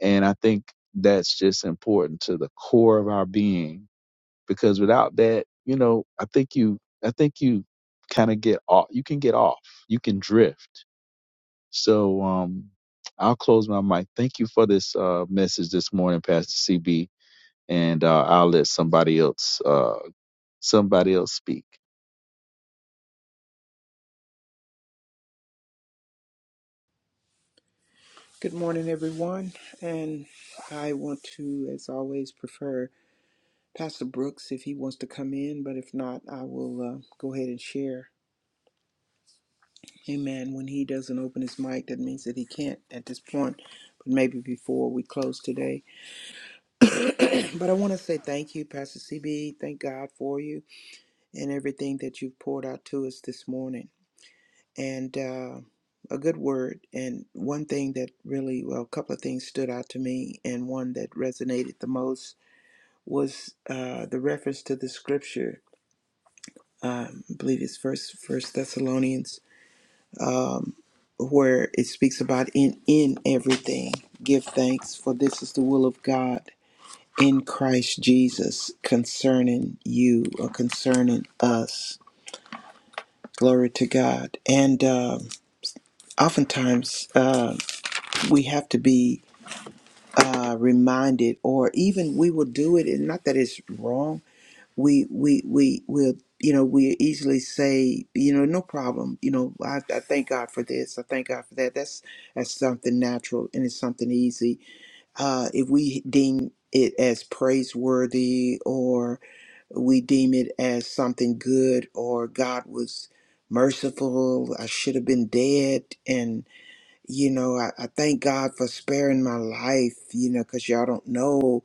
S4: and I think that's just important to the core of our being because without that, you know, I think you I think you kind of get off. You can get off. You can drift So um, I'll close my mic. Thank you for this uh, message this morning, Pastor CB, and uh, I'll let somebody else uh, somebody else speak.
S5: Good morning, everyone. And I want to, as always, prefer Pastor Brooks if he wants to come in, but if not, I will uh, go ahead and share. Amen. When he doesn't open his mic, that means that he can't at this point, but maybe before we close today. but I want to say thank you, Pastor CB. Thank God for you and everything that you've poured out to us this morning. And uh, a good word. And one thing that really, well, a couple of things stood out to me, and one that resonated the most was uh, the reference to the scripture. Um, I believe it's First First Thessalonians, um, where it speaks about in in everything give thanks, for this is the will of God in Christ Jesus concerning you or concerning us. Glory to God. And um oftentimes uh, we have to be uh, reminded, or even we will do it, and not that it's wrong we we we will you know we easily say you know no problem you know I, I thank god for this i thank god for that that's that's something natural and it's something easy uh if we deem it as praiseworthy or we deem it as something good or god was merciful i should have been dead you know, I, I thank God for sparing my life, you know, because y'all don't know.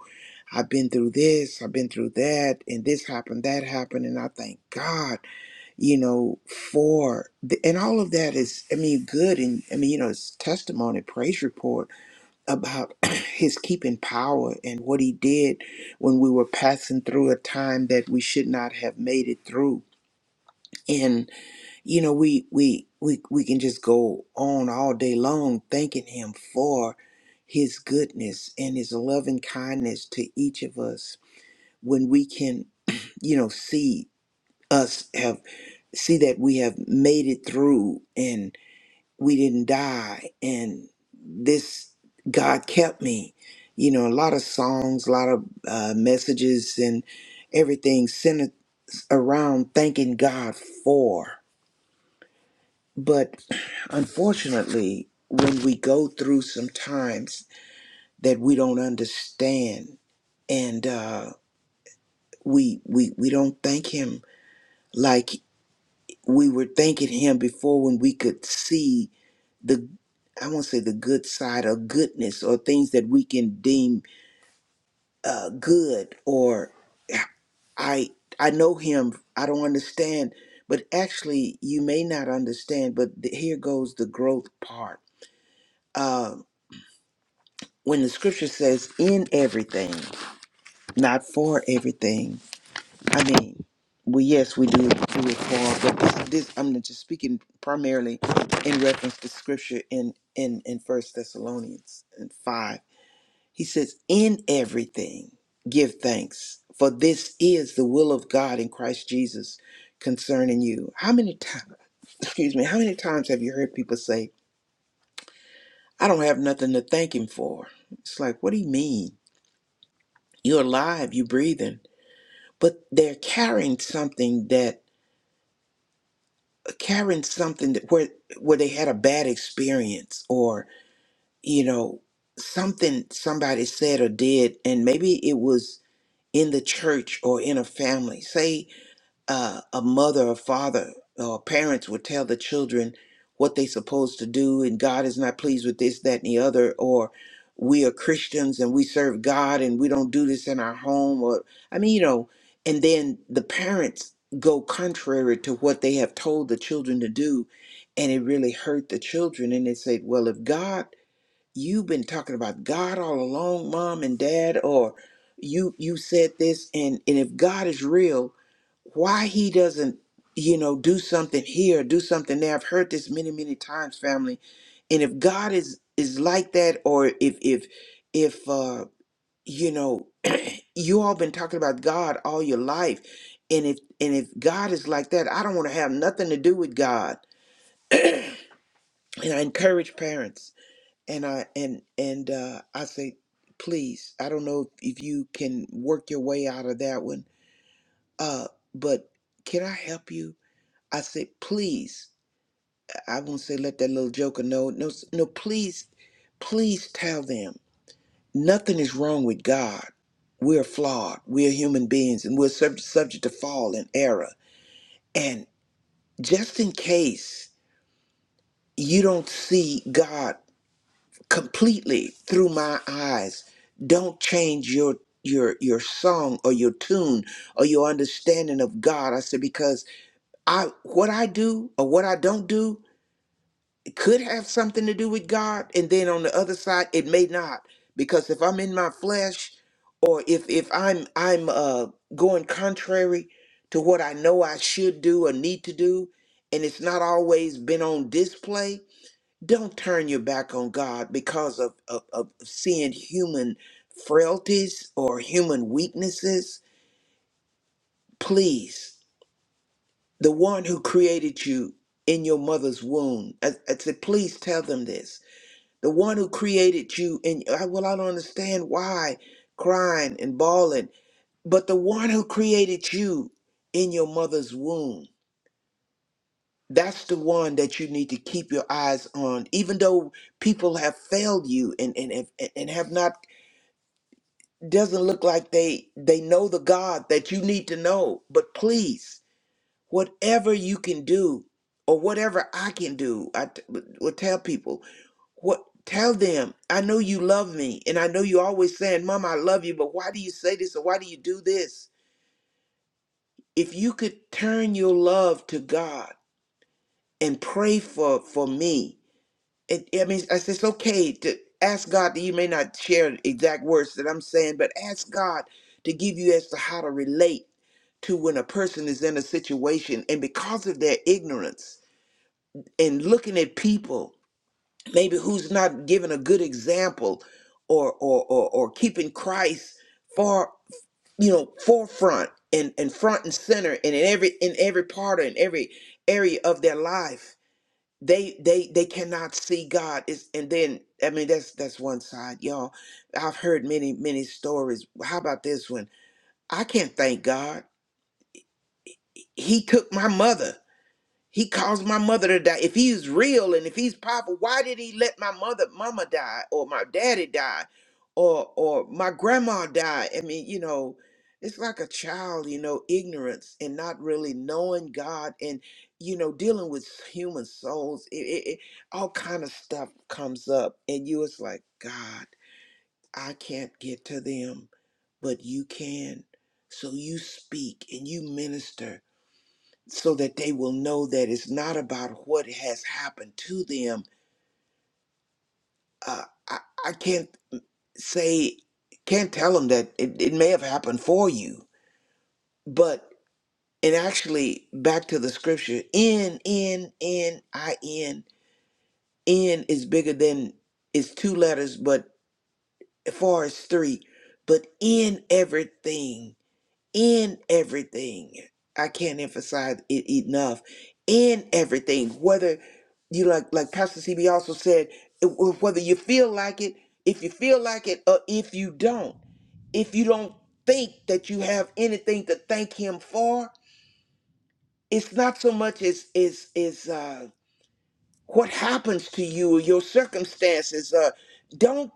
S5: I've been through this, I've been through that, and this happened, that happened, and I thank God, you know, for the, and all of that is, I mean, good, and I mean, you know, it's testimony, praise report about His keeping power and what He did when we were passing through a time that we should not have made it through, you know we we we we can just go on all day long thanking him for his goodness and his loving kindness to each of us when we can you know see us have see that we have made it through and we didn't die and this god kept me you know a lot of songs a lot of uh, messages and everything centered around thanking god for but unfortunately, when we go through some times that we don't understand and uh, we, we, we don't thank Him like we were thanking Him before when we could see the, I won't say the good side or goodness or things that we can deem uh, good or I, I know Him, I don't understand. But actually, you may not understand, but th- here goes the growth part when the scripture says in everything, not for everything, I mean, well, yes, we do it, do it for, but this, this I'm just speaking primarily in reference to scripture in in in First Thessalonians and five. He says, in everything, give thanks, for this is the will of God in Christ Jesus concerning you. How many times, excuse me, how many times have you heard people say, I don't have nothing to thank him for? It's like, what do you mean? You're alive, you're breathing. but they're carrying something that carrying something that where where they had a bad experience or you know something somebody said or did and maybe it was in the church or in a family say uh, a mother or father or parents would tell the children what they supposed to do and god is not pleased with this that and the other or we are christians and we serve god and we don't do this in our home or i mean you know and then the parents go contrary to what they have told the children to do and it really hurt the children and they said well if god you've been talking about God all along, mom and dad, or you you said this and and if God is real, why he doesn't, you know, do something here, do something there. I've heard this many, many times, family. And if God is is like that or if if if uh you know, you all been talking about God all your life. And if and if God is like that, I don't want to have nothing to do with God. And I encourage parents and I and and uh, I say, please, I don't know if, if you can work your way out of that one, uh, but can I help you? I say, please, I I won't say let that little joker know. No, s- no, please, please tell them nothing is wrong with God. We're flawed. We're human beings, and we're sub- subject to fall and error. And just in case you don't see God. completely through my eyes. Don't change your your your song or your tune or your understanding of God. I said because I what I do or what I don't do could have something to do with God, and then on the other side it may not. Because if I'm in my flesh, or if if I'm I'm uh, going contrary to what I know I should do or need to do, and it's not always been on display, don't turn your back on God because of, of, of seeing human frailties or human weaknesses. Please, the one who created you in your mother's womb, I, I said, please tell them this. The one who created you, and I, well, I don't understand why crying and bawling, but the one who created you in your mother's womb, that's the one that you need to keep your eyes on, even though people have failed you and, and, and and have not doesn't look like they they know the god that you need to know but please whatever you can do or whatever i can do i t- will tell people what tell them i know you love me and i know you always saying mom i love you but why do you say this or why do you do this if you could turn your love to god and pray for for me it, I mean, it's it's okay to ask God that you may not share the exact words that I'm saying, but ask God to give you as to how to relate to when a person is in a situation and because of their ignorance and looking at people maybe who's not giving a good example or or or, or keeping Christ far you know forefront and, and front and center and in every in every part and every area of their life they they they cannot see God is and then I mean that's that's one side y'all I've heard many many stories how about this one I can't thank God he took my mother he caused my mother to die. If he's real and if he's powerful, why did he let my mother, mama die, or my daddy die, or or my grandma die? I mean, you know, it's like a child, you know, ignorance and not really knowing God and you know dealing with human souls. It, it, it, all kind of stuff comes up, and you it's like God, I can't get to them, but you can. So you speak and you minister so that they will know that it's not about what has happened to them. Uh, I, I can't say, can't tell them that it, it may have happened for you, but and actually back to the scripture in in in i n n is bigger than it's two letters but far as three but in everything in everything. I can't emphasize it enough. In everything, whether you like, like Pastor CB also said, wh- whether you feel like it, if you feel like it, or if you don't, if you don't think that you have anything to thank Him for, it's not so much as is is uh, what happens to you or your circumstances. Uh, don't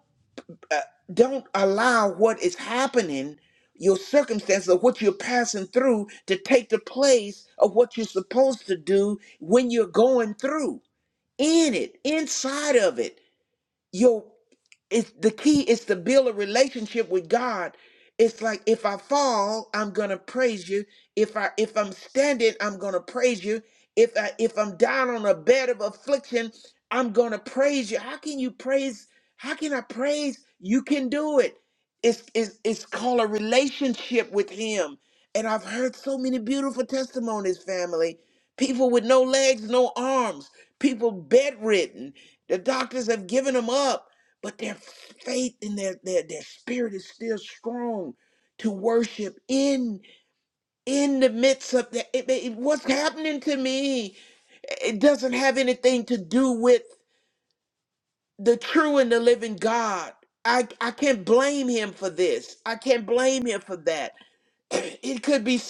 S5: uh, don't allow what is happening, your circumstances or what you're passing through, to take the place of what you're supposed to do when you're going through. In it, inside of it, your it's the key is to build a relationship with God. It's like if I fall, I'm gonna praise you. If I if I'm standing, I'm gonna praise you. If I if I'm down on a bed of affliction, I'm gonna praise you. How can you praise? How can I praise? You can do it. It's it's it's called a relationship with Him. And I've heard so many beautiful testimonies, family. People with no legs, no arms. People bedridden. The doctors have given them up but their faith and their, their their spirit is still strong to worship in in the midst of that it, it- what's happening to me it doesn't have anything to do with the true and the living god i i can't blame him for this i can't blame him for that it could be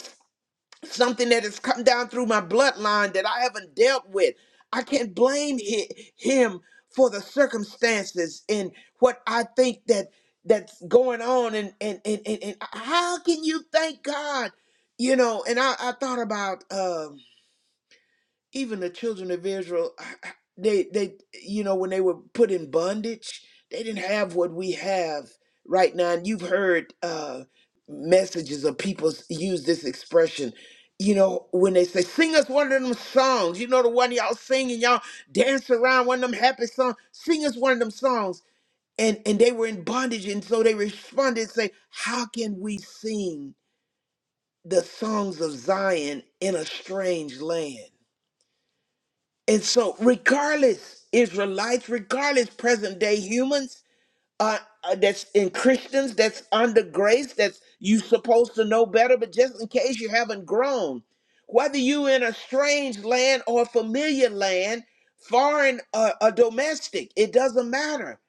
S5: something that has come down through my bloodline that I haven't dealt with. I can't blame hi- him for the circumstances and what I think that that's going on and and and, and, and how can you thank God? You know, and I, I thought about um even the children of Israel, I- I- they they you know when they were put in bondage, they didn't have what we have right now. And you've heard uh, messages of people s- use this expression. You know, when they say, sing us one of them songs, you know, the one y'all sing and y'all dance around one of them happy songs, sing us one of them songs. And, and they were in bondage. And so they responded and say, how can we sing the songs of Zion in a strange land? And so, regardless, Israelites, regardless, present day humans, uh, uh, that's in Christians, that's under grace, that's you supposed to know better, but just in case you haven't grown, whether you in a strange land or a familiar land, foreign or, or domestic, it doesn't matter.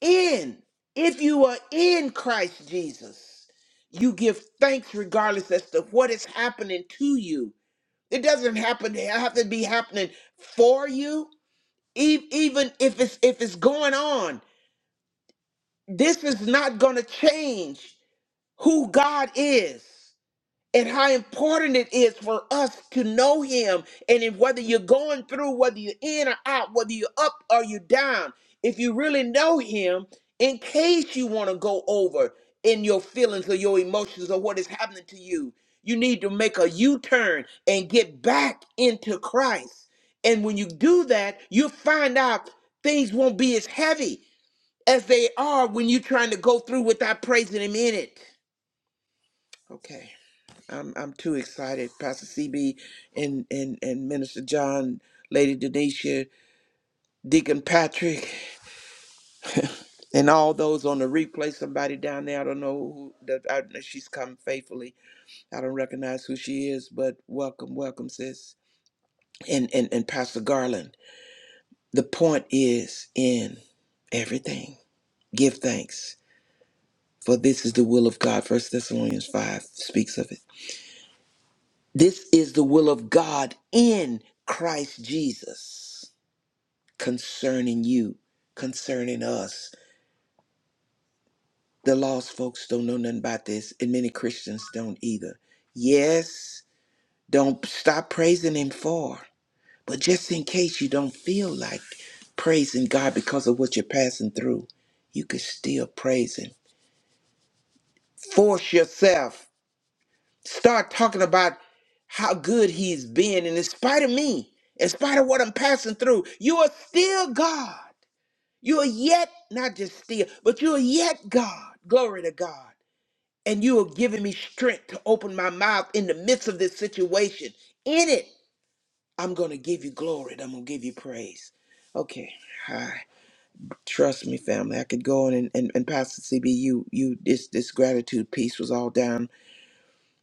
S5: In, if you are in Christ Jesus, you give thanks regardless as to what is happening to you. It doesn't happen have to be happening for you E- even if it's if it's going on this is not going to change who god is and how important it is for us to know him and if whether you're going through whether you're in or out whether you're up or you're down if you really know him in case you want to go over in your feelings or your emotions or what is happening to you you need to make a u-turn and get back into christ and when you do that you'll find out things won't be as heavy as they are when you're trying to go through without praising him in it okay I'm I'm too excited. Pastor CB and and and Minister John, Lady Denisha, Deacon Patrick, and all those on the replay. Somebody down there, I don't know who. That, I, know she's come faithfully. I don't recognize who she is, but welcome, welcome, sis. And and and Pastor Garland. The point is in everything. Give thanks, for this is the will of God. First Thessalonians five speaks of it. This is the will of God in Christ Jesus concerning you, concerning us. The lost folks don't know nothing about this, and many Christians don't either. Yes, don't stop praising Him for, but just in case you don't feel like praising God because of what you're passing through, you can still praise Him. Force yourself. Start talking about how good He's been, and in spite of me, in spite of what I'm passing through, you are still God. You are yet, not just still, but you are yet God. Glory to God. And you are giving me strength to open my mouth in the midst of this situation. In it, I'm going to give you glory and I'm going to give you praise. Okay. Hi. Trust me, family. I could go on and, and, and Pastor CB, you, you, this, this gratitude piece was all down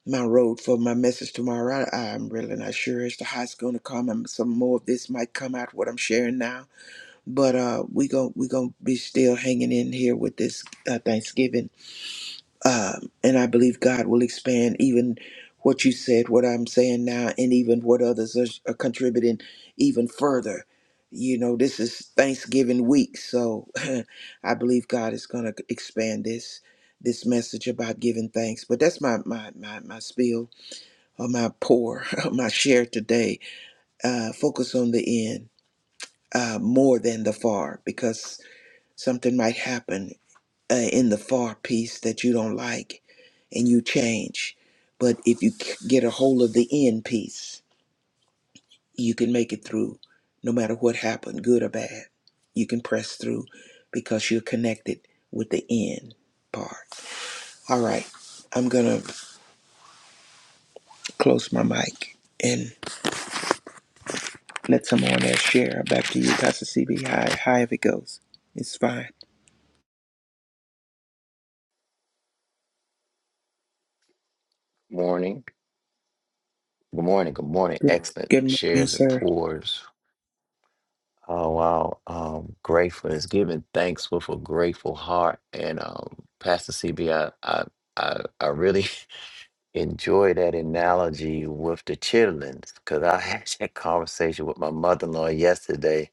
S5: my road for my message tomorrow. I, I'm really not sure as to how it's going to come. And some more of this might come out what I'm sharing now but uh we gon' we gonna be still hanging in here with this uh, thanksgiving um and i believe god will expand even what you said what i'm saying now and even what others are, are contributing even further you know this is thanksgiving week so i believe god is gonna expand this this message about giving thanks but that's my my my, my spiel or my pour my share today uh focus on the end uh more than the far because Something might happen uh, in the far piece that you don't like and you change. But if you c- get a hold of the end piece, you can make it through no matter what happened, good or bad. You can press through because you're connected with the end part. All right, I'm going to close my mic and let someone else share. Back to you, Pastor CB. Hi, hi, if it goes. It's fine.
S6: Morning. Good morning. Good morning.
S5: Good
S6: Excellent
S5: good morning,
S6: shares and
S5: sir.
S6: pours. Oh wow. Um grateful is giving thanks with a grateful heart. And um Pastor CB, I I I, I really enjoy that analogy with the chitlins because I had that conversation with my mother-in-law yesterday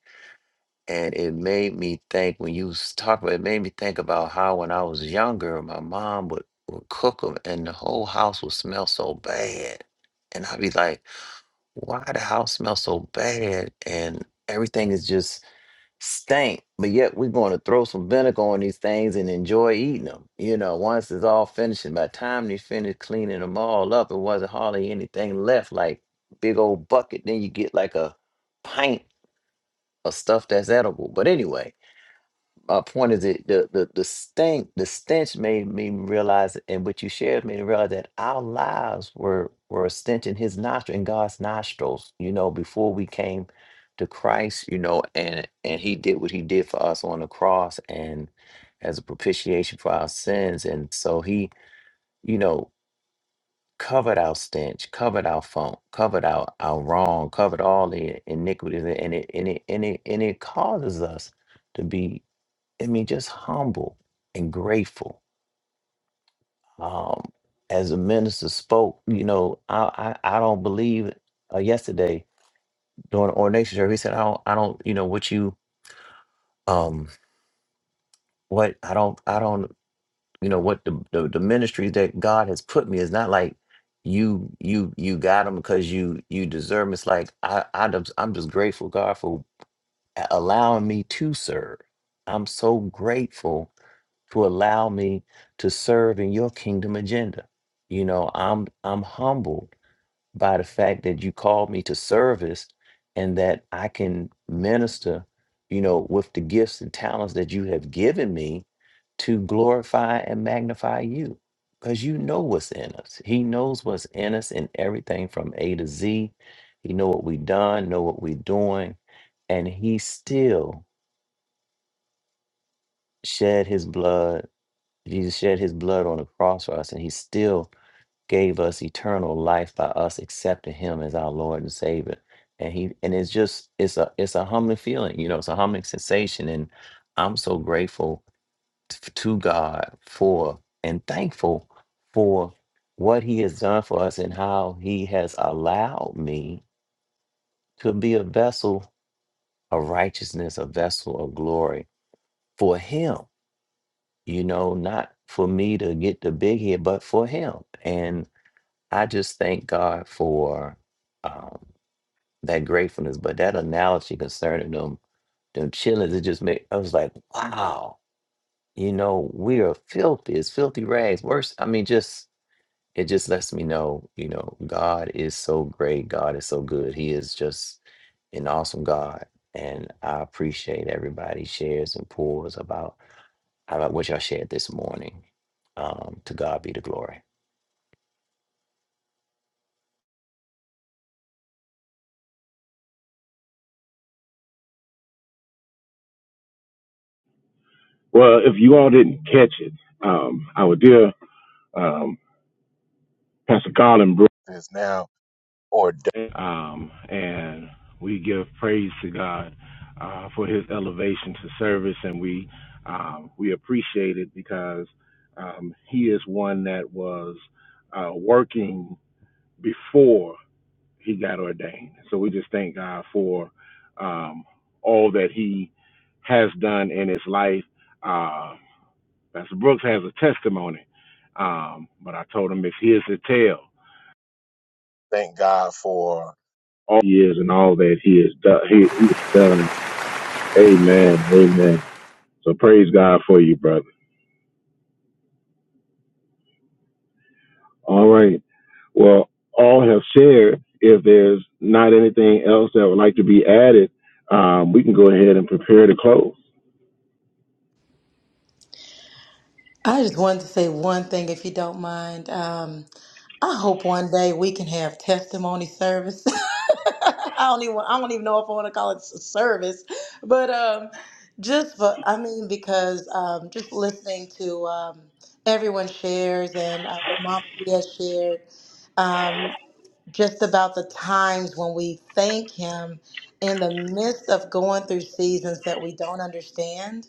S6: and it made me think when you was talking about it made me think about how when I was younger my mom would, would cook them and the whole house would smell so bad. And I'd be like why the house smells so bad and everything is just stank but yet we're going to throw some vinegar on these things and enjoy eating them you know once it's all finished and by the time they finish cleaning them all up it wasn't hardly anything left like big old bucket then you get like a pint of stuff that's edible but anyway uh, point is it the the the stink the stench made me realize and what you shared made me realize that our lives were were a stench in his nostril in God's nostrils you know before we came to Christ you know and and he did what he did for us on the cross and as a propitiation for our sins and so he you know covered our stench covered our funk covered our our wrong covered all the iniquities and it and it and it, and it causes us to be I mean, just humble and grateful. Um, as the minister spoke, you know, I I, I don't believe uh, yesterday during the ordination service, he said, I don't I don't you know what you um what I don't I don't you know what the the, the ministry that God has put me is not like you you you got them because you you deserve 'em." It's like I, I just- I'm just grateful God for a- allowing me to serve. I'm so grateful to allow me to serve in your kingdom agenda. You know, I'm I'm humbled by the fact that you called me to service and that I can minister, you know, with the gifts and talents that you have given me to glorify and magnify you. Because you know what's in us. He knows what's in us in everything from A to Z. He know what we done, know what we doing, and he still shed his blood Jesus shed his blood on the cross for us, and he still gave us eternal life by us accepting him as our Lord and Savior. And he and it's just it's a it's a humbling feeling, you know, it's a humbling sensation. And I'm so grateful t- to God for and thankful for what he has done for us and how he has allowed me to be a vessel of righteousness, a vessel of glory for him you know, not for me to get the big head, but for him. And I just thank God for um, that gratefulness. But that analogy concerning them, them chillings, it just made, I was like, wow, you know, we are filthy. It's filthy rags. Worse, I mean, just, it just lets me know, you know, God is so great. God is so good. He is just an awesome God. And I appreciate everybody shares and pours about I like what y'all shared this morning. Um, to God be the glory.
S2: Well, if you all didn't catch it, um, our dear um, Pastor Colin Brooks is now ordained, um, and we give praise to God uh, for His elevation to service, and we um, we appreciate it because um, He is one that was uh, working before. he got ordained. So we just thank God for um, all that he has done in his life. Uh, Pastor Brooks has a testimony, um, but I told him it's his to tell. Thank God for all he is and all that he has done. He, he's done. Amen. Amen. So praise God for you, brother. All right. Well, all have shared. If there's not anything else that would like to be added, um, we can go ahead and prepare to close.
S3: I just wanted to say one thing, if you don't mind. Um, I hope one day we can have testimony service. I don't even I don't even know if I want to call it a service, but um, just for I mean because um, just listening to um, everyone shares and uh, what Mama Mia shared. um, just about the times when we thank Him in the midst of going through seasons that we don't understand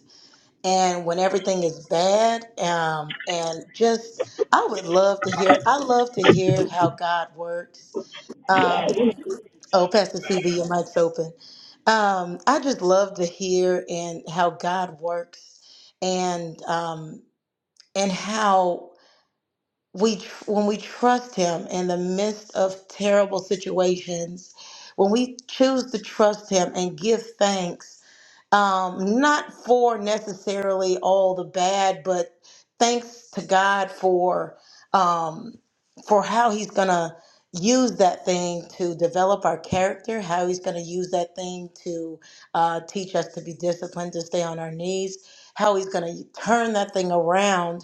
S3: and when everything is bad. Um, and just, I would love to hear, I love to hear how God works. Um, oh, Pastor CB, your mic's open. Um, I just love to hear and how God works and um, and how we tr- when we trust him in the midst of terrible situations when we choose to trust him and give thanks um, not for necessarily all the bad but thanks to god for um, for how he's gonna use that thing to develop our character how he's gonna use that thing to uh, teach us to be disciplined to stay on our knees how he's gonna turn that thing around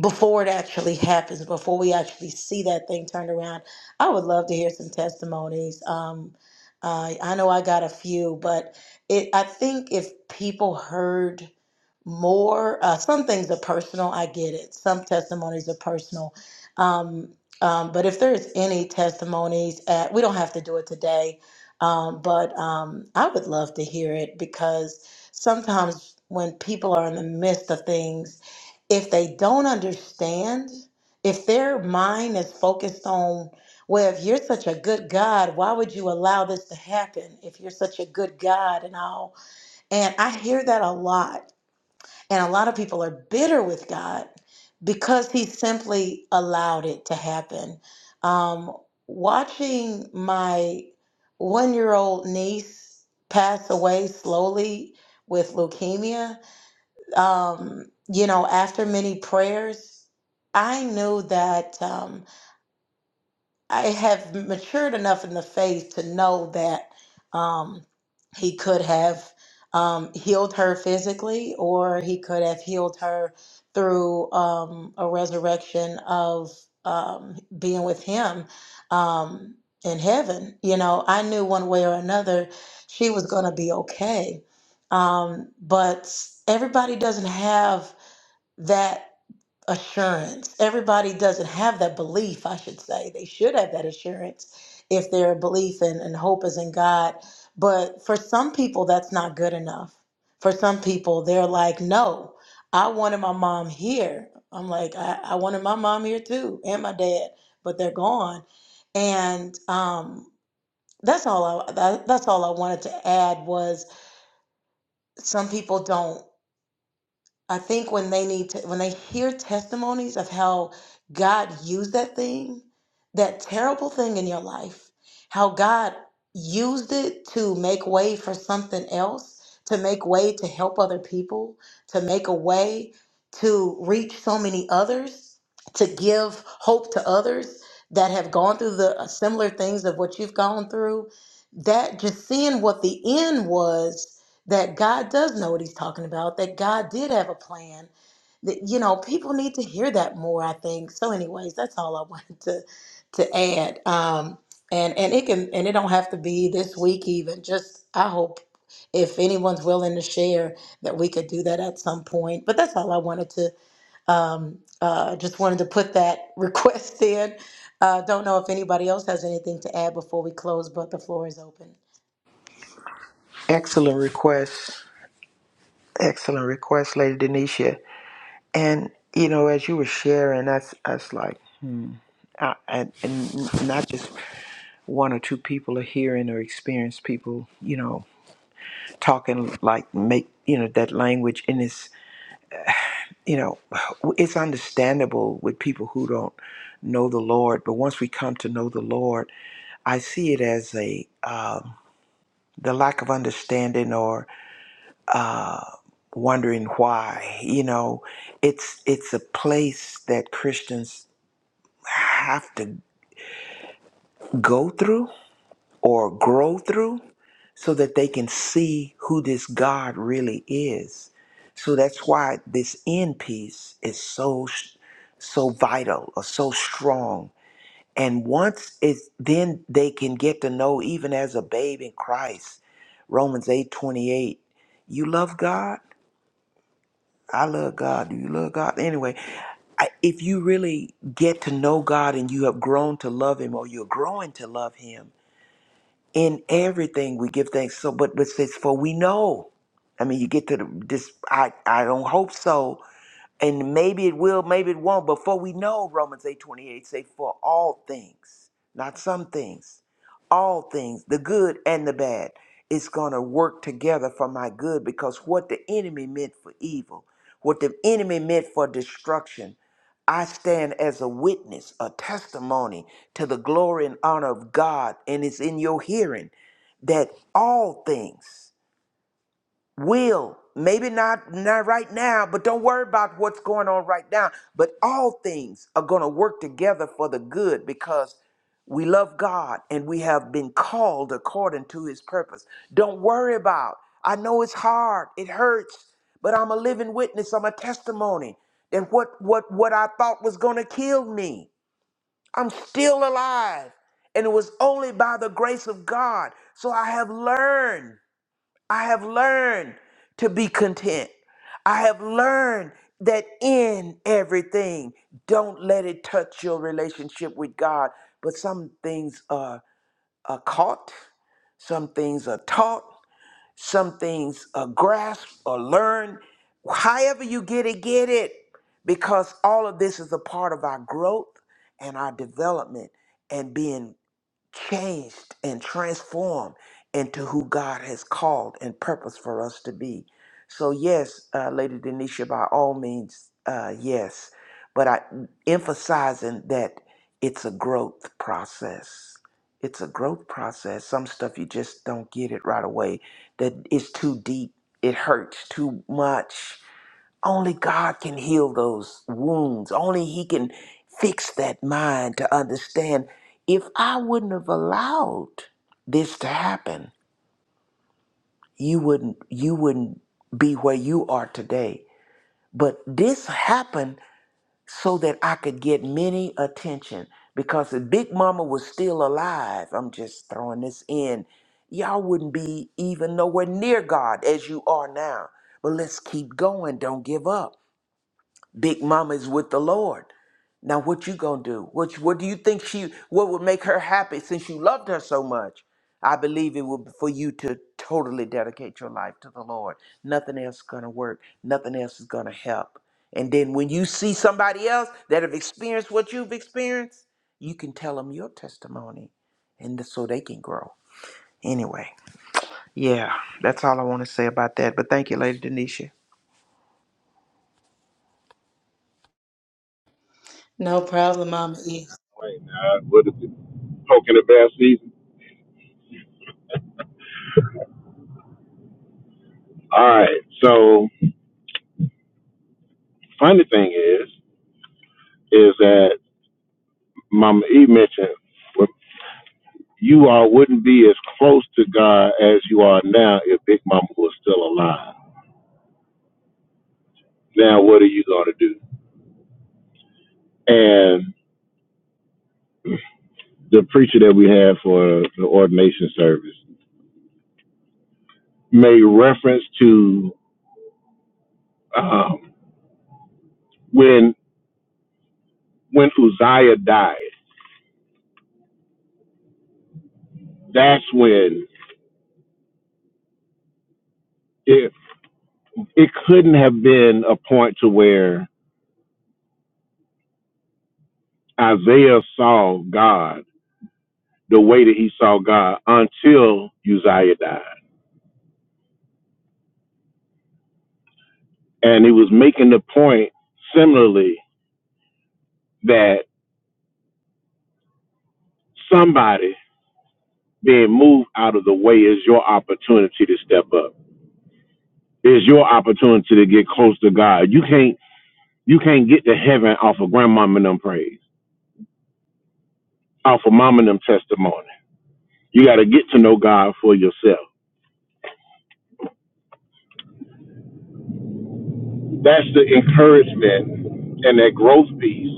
S3: before it actually happens, before we actually see that thing turned around. I would love to hear some testimonies. Um, uh, I know I got a few, but it, I think if people heard more, uh, some things are personal. I get it. Some testimonies are personal. Um, um, but if there's any testimonies, at, we don't have to do it today. Um, but um, I would love to hear it because sometimes when people are in the midst of things, if they don't understand, if their mind is focused on, well, if you're such a good God, why would you allow this to happen if you're such a good God and all? And I hear that a lot. And a lot of people are bitter with God because he simply allowed it to happen. Um, watching my one year old niece pass away slowly with leukemia um, you know, after many prayers, I knew that um, I have matured enough in the faith to know that um, he could have um, healed her physically, or he could have healed her through um, a resurrection of um, being with him um, in heaven. You know, I knew one way or another she was going to be okay. Um, but everybody doesn't have that assurance. Everybody doesn't have that belief, I should say. They should have that assurance if their belief and, and hope is in God. But for some people, that's not good enough. For some people, they're like, no, I wanted my mom here. I'm like, I, I wanted my mom here too, and my dad, but they're gone. And um, that's all I that, that's all I wanted to add was some people don't. I think when they need to, when they hear testimonies of how God used that thing, that terrible thing in your life, how God used it to make way for something else, to make way to help other people, to make a way to reach so many others, to give hope to others that have gone through the uh, similar things of what you've gone through, that just seeing what the end was that God does know what he's talking about, that God did have a plan. That you know, people need to hear that more, I think. So anyways, that's all I wanted to to add. Um and and it can and it don't have to be this week even. Just I hope if anyone's willing to share that we could do that at some point. But that's all I wanted to um uh just wanted to put that request in. Uh don't know if anybody else has anything to add before we close, but the floor is open.
S5: Excellent request. Excellent request, Lady Denisha. And you know, as you were sharing, that's that's like, hmm. I, and, and not just one or two people are hearing or experience people, you know, talking like make you know that language, and it's you know, it's understandable with people who don't know the Lord. But once we come to know the Lord, I see it as a um, the lack of understanding or uh, wondering why. You know, it's it's a place that Christians have to go through or grow through so that they can see who this God really is. So that's why this end piece is so so vital or so strong. And once it's then they can get to know even as a babe in Christ. Romans 8:28, you love God I love God. Do you love God? Anyway, I, if you really get to know God and you have grown to love Him or you're growing to love Him, in everything we give thanks. So, but but it says, for we know. I mean, you get to the, this. I I don't hope so, and maybe it will, maybe it won't. Before we know, Romans eight twenty eight say, "For all things, not some things, all things, the good and the bad, is going to work together for my good." Because what the enemy meant for evil, what the enemy meant for destruction, I stand as a witness, a testimony to the glory and honor of God, and it's in your hearing that all things will maybe not not right now but don't worry about what's going on right now but all things are going to work together for the good because we love god and we have been called according to his purpose don't worry about i know it's hard it hurts but i'm a living witness i'm a testimony and what what what i thought was going to kill me i'm still alive and it was only by the grace of god so i have learned I have learned to be content. I have learned that in everything, don't let it touch your relationship with God. But some things are, are caught, some things are taught, some things are grasped or learned. However, you get it, get it, because all of this is a part of our growth and our development and being changed and transformed into who God has called and purposed for us to be. So, yes, uh, Lady Denisha, by all means, uh, yes, but I emphasizing that it's a growth process. It's a growth process. Some stuff you just don't get it right away. That is too deep. It hurts too much only God can heal those wounds. Only He can fix that mind to understand. If I wouldn't have allowed this to happen, you wouldn't you wouldn't be where you are today. But this happened so that I could get many attention because if Big Mama was still alive, I'm just throwing this in. Y'all wouldn't be even nowhere near God as you are now. But let's keep going. Don't give up. Big Mama is with the Lord. Now what you gonna do? What what do you think she what would make her happy since you loved her so much? I believe it would be for you to totally dedicate your life to the Lord. Nothing else is gonna work. Nothing else is gonna help. And then when you see somebody else that have experienced what you've experienced, you can tell them your testimony, and so they can grow. Anyway, yeah, that's all I want to say about that. But thank you, Lady Denisha.
S3: No problem, Mama E.
S2: Wait, now, what is it? Poking the bass season? All right. So, funny thing is, is that Mama E mentioned well, you all wouldn't be as close to God as you are now if Big Mama was still alive. Now, what are you going to do? And the preacher that we had for the ordination service made reference to um, when when Uzziah died. That's when it it couldn't have been a point to where Isaiah saw God the way that he saw God until Uzziah died. And he was making the point similarly that somebody being moved out of the way is your opportunity to step up. Is your opportunity to get close to God. You can't you can't get to heaven off of grandmama and them praise, off of mama and them testimony. You gotta get to know God for yourself. That's the encouragement and that growth piece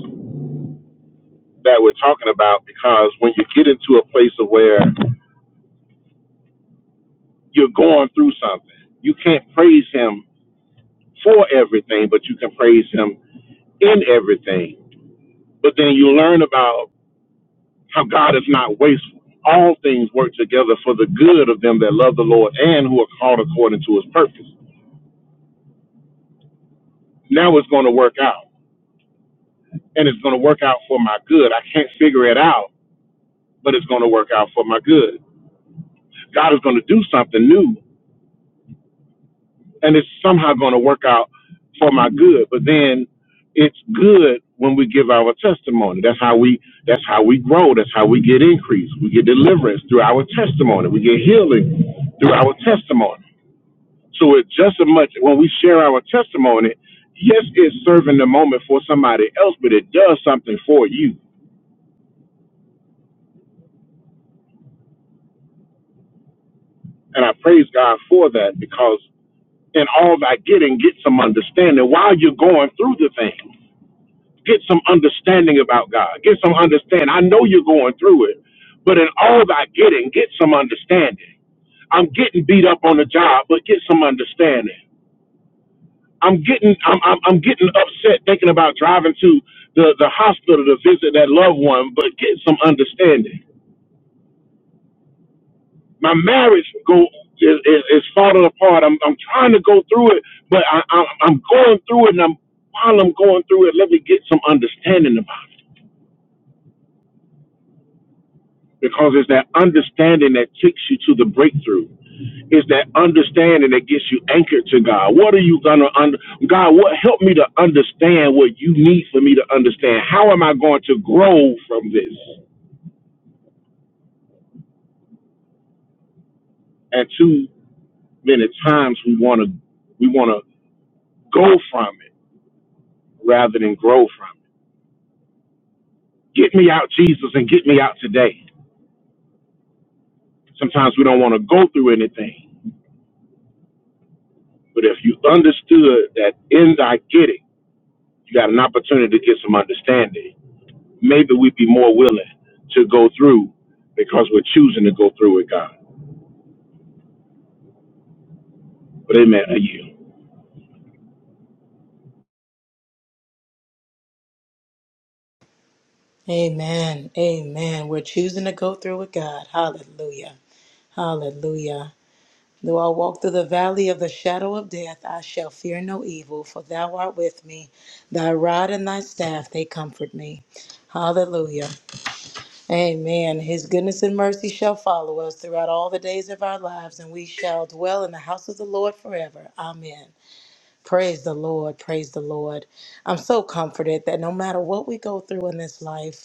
S2: that we're talking about because when you get into a place of where you're going through something, you can't praise him for everything, but you can praise him in everything. But then you learn about how God is not wasteful. All things work together for the good of them that love the Lord and who are called according to his purpose. Now it's going to work out, and it's going to work out for my good. I can't figure it out, but it's going to work out for my good. God is going to do something new and it's somehow going to work out for my good. But then it's good when we give our testimony. That's how we that's how we grow. That's how we get increase. We get deliverance through our testimony. We get healing through our testimony. So it's just as much when we share our testimony, yes, it's serving the moment for somebody else, but it does something for you. And I praise God for that because in all thy getting, get some understanding while you're going through the thing. Get some understanding about God. Get some understanding. I know you're going through it, but in all thy getting, get some understanding. I'm getting beat up on the job, but get some understanding. I'm getting I'm I'm, I'm getting upset thinking about driving to the, the hospital to visit that loved one, but get some understanding. My marriage go is, is, is falling apart. I'm I'm trying to go through it, but I, I I'm going through it, and I'm while I'm going through it, let me get some understanding about it. because it's that understanding that takes you to the breakthrough. It's that understanding that gets you anchored to God. What are you gonna under God? What help me to understand what you need for me to understand? How am I going to grow from this? And too many times we wanna we wanna go from it rather than grow from it. Get me out, Jesus, and get me out today. Sometimes we don't want to go through anything, but if you understood that in thy getting, you got an opportunity to get some understanding maybe we'd be more willing to go through because we're choosing to go through with God. But amen. I you.
S3: Amen. Amen. We're choosing to go through with God. Hallelujah. Hallelujah. Though I walk through the valley of the shadow of death, I shall fear no evil, for thou art with me. Thy rod and thy staff, they comfort me. Hallelujah. Amen. His goodness and mercy shall follow us throughout all the days of our lives, and we shall dwell in the house of the Lord forever. Amen. Praise the Lord. Praise the Lord. I'm so comforted that no matter what we go through in this life,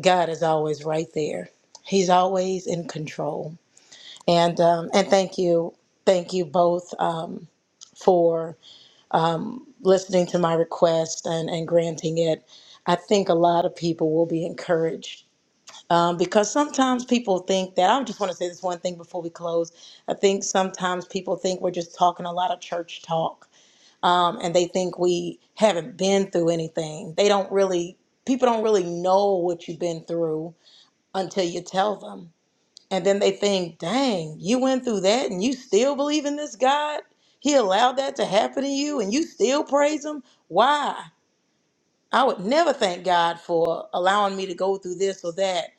S3: God is always right there. He's always in control. And um, and thank you, thank you both um, for listening to my request and and granting it. I think a lot of people will be encouraged. Um, because sometimes people think that I just want to say this one thing before we close. I think sometimes people think we're just talking a lot of church talk, um, and they think we haven't been through anything. They don't really people don't really know what you've been through until you tell them And then they think, dang, you went through that and you still believe in this God? He allowed that to happen to you and you still praise him? Why? I would never thank God for allowing me to go through this or that.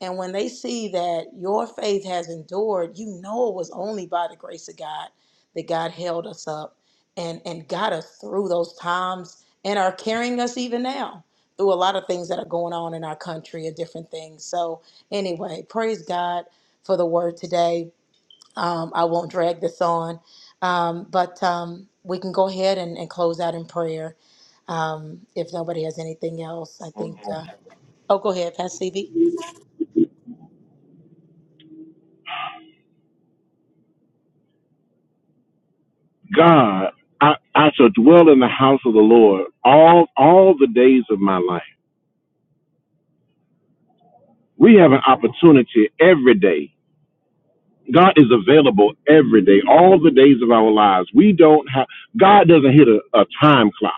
S3: And when they see that your faith has endured, you know it was only by the grace of God that God held us up and, and got us through those times and are carrying us even now through a lot of things that are going on in our country and different things. So, anyway, praise God for the word today. Um, I won't drag this on, um, but um, we can go ahead and, and close out in prayer. Um, if nobody has anything else, I
S2: Hold
S3: think.
S2: on. hold on.
S3: Uh, oh, go ahead, Pastor CV.
S2: God, I, I shall dwell in the house of the Lord all all the days of my life. We have an opportunity every day. God is available every day, all the days of our lives. We don't have God doesn't hit a, a time clock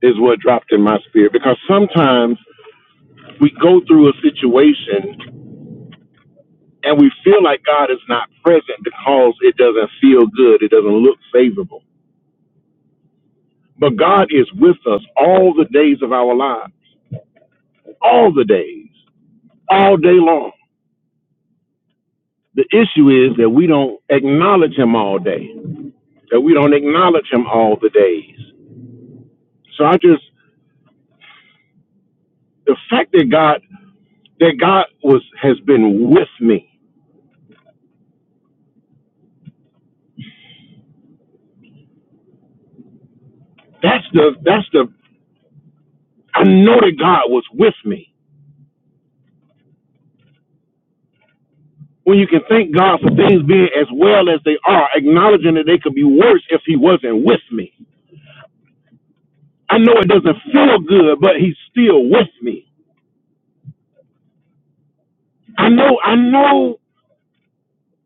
S2: is what dropped in my spirit because sometimes we go through a situation and we feel like God is not present because it doesn't feel good, it doesn't look favorable. But God is with us all the days of our lives, all the days, all day long. The issue is that we don't acknowledge Him all day, that we don't acknowledge Him all the days. So I just the fact that God that God was has been with me. That's the that's the I know that God was with me when you can thank God for things being as well as they are, acknowledging that they could be worse if He wasn't with me. I know it doesn't feel good, but He's still with me. I know, I know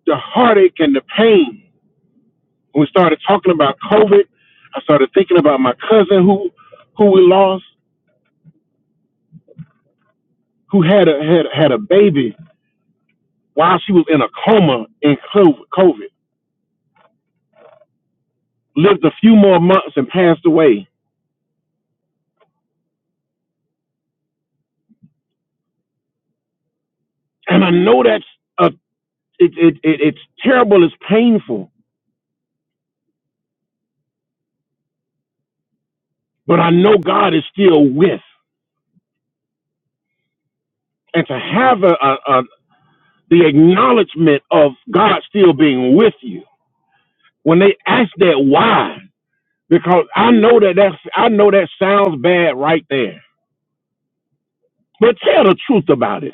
S2: the heartache and the pain. When we started talking about COVID, I started thinking about my cousin who, who we lost, who had a had had a baby while she was in a coma in COVID. COVID. Lived a few more months and passed away. And I know that's a, it, it, it, it's terrible, it's painful but I know God is still with. And to have a, a, a the acknowledgement of God still being with you when they ask that why, because I know that that's, I know that sounds bad right there, but tell the truth about it.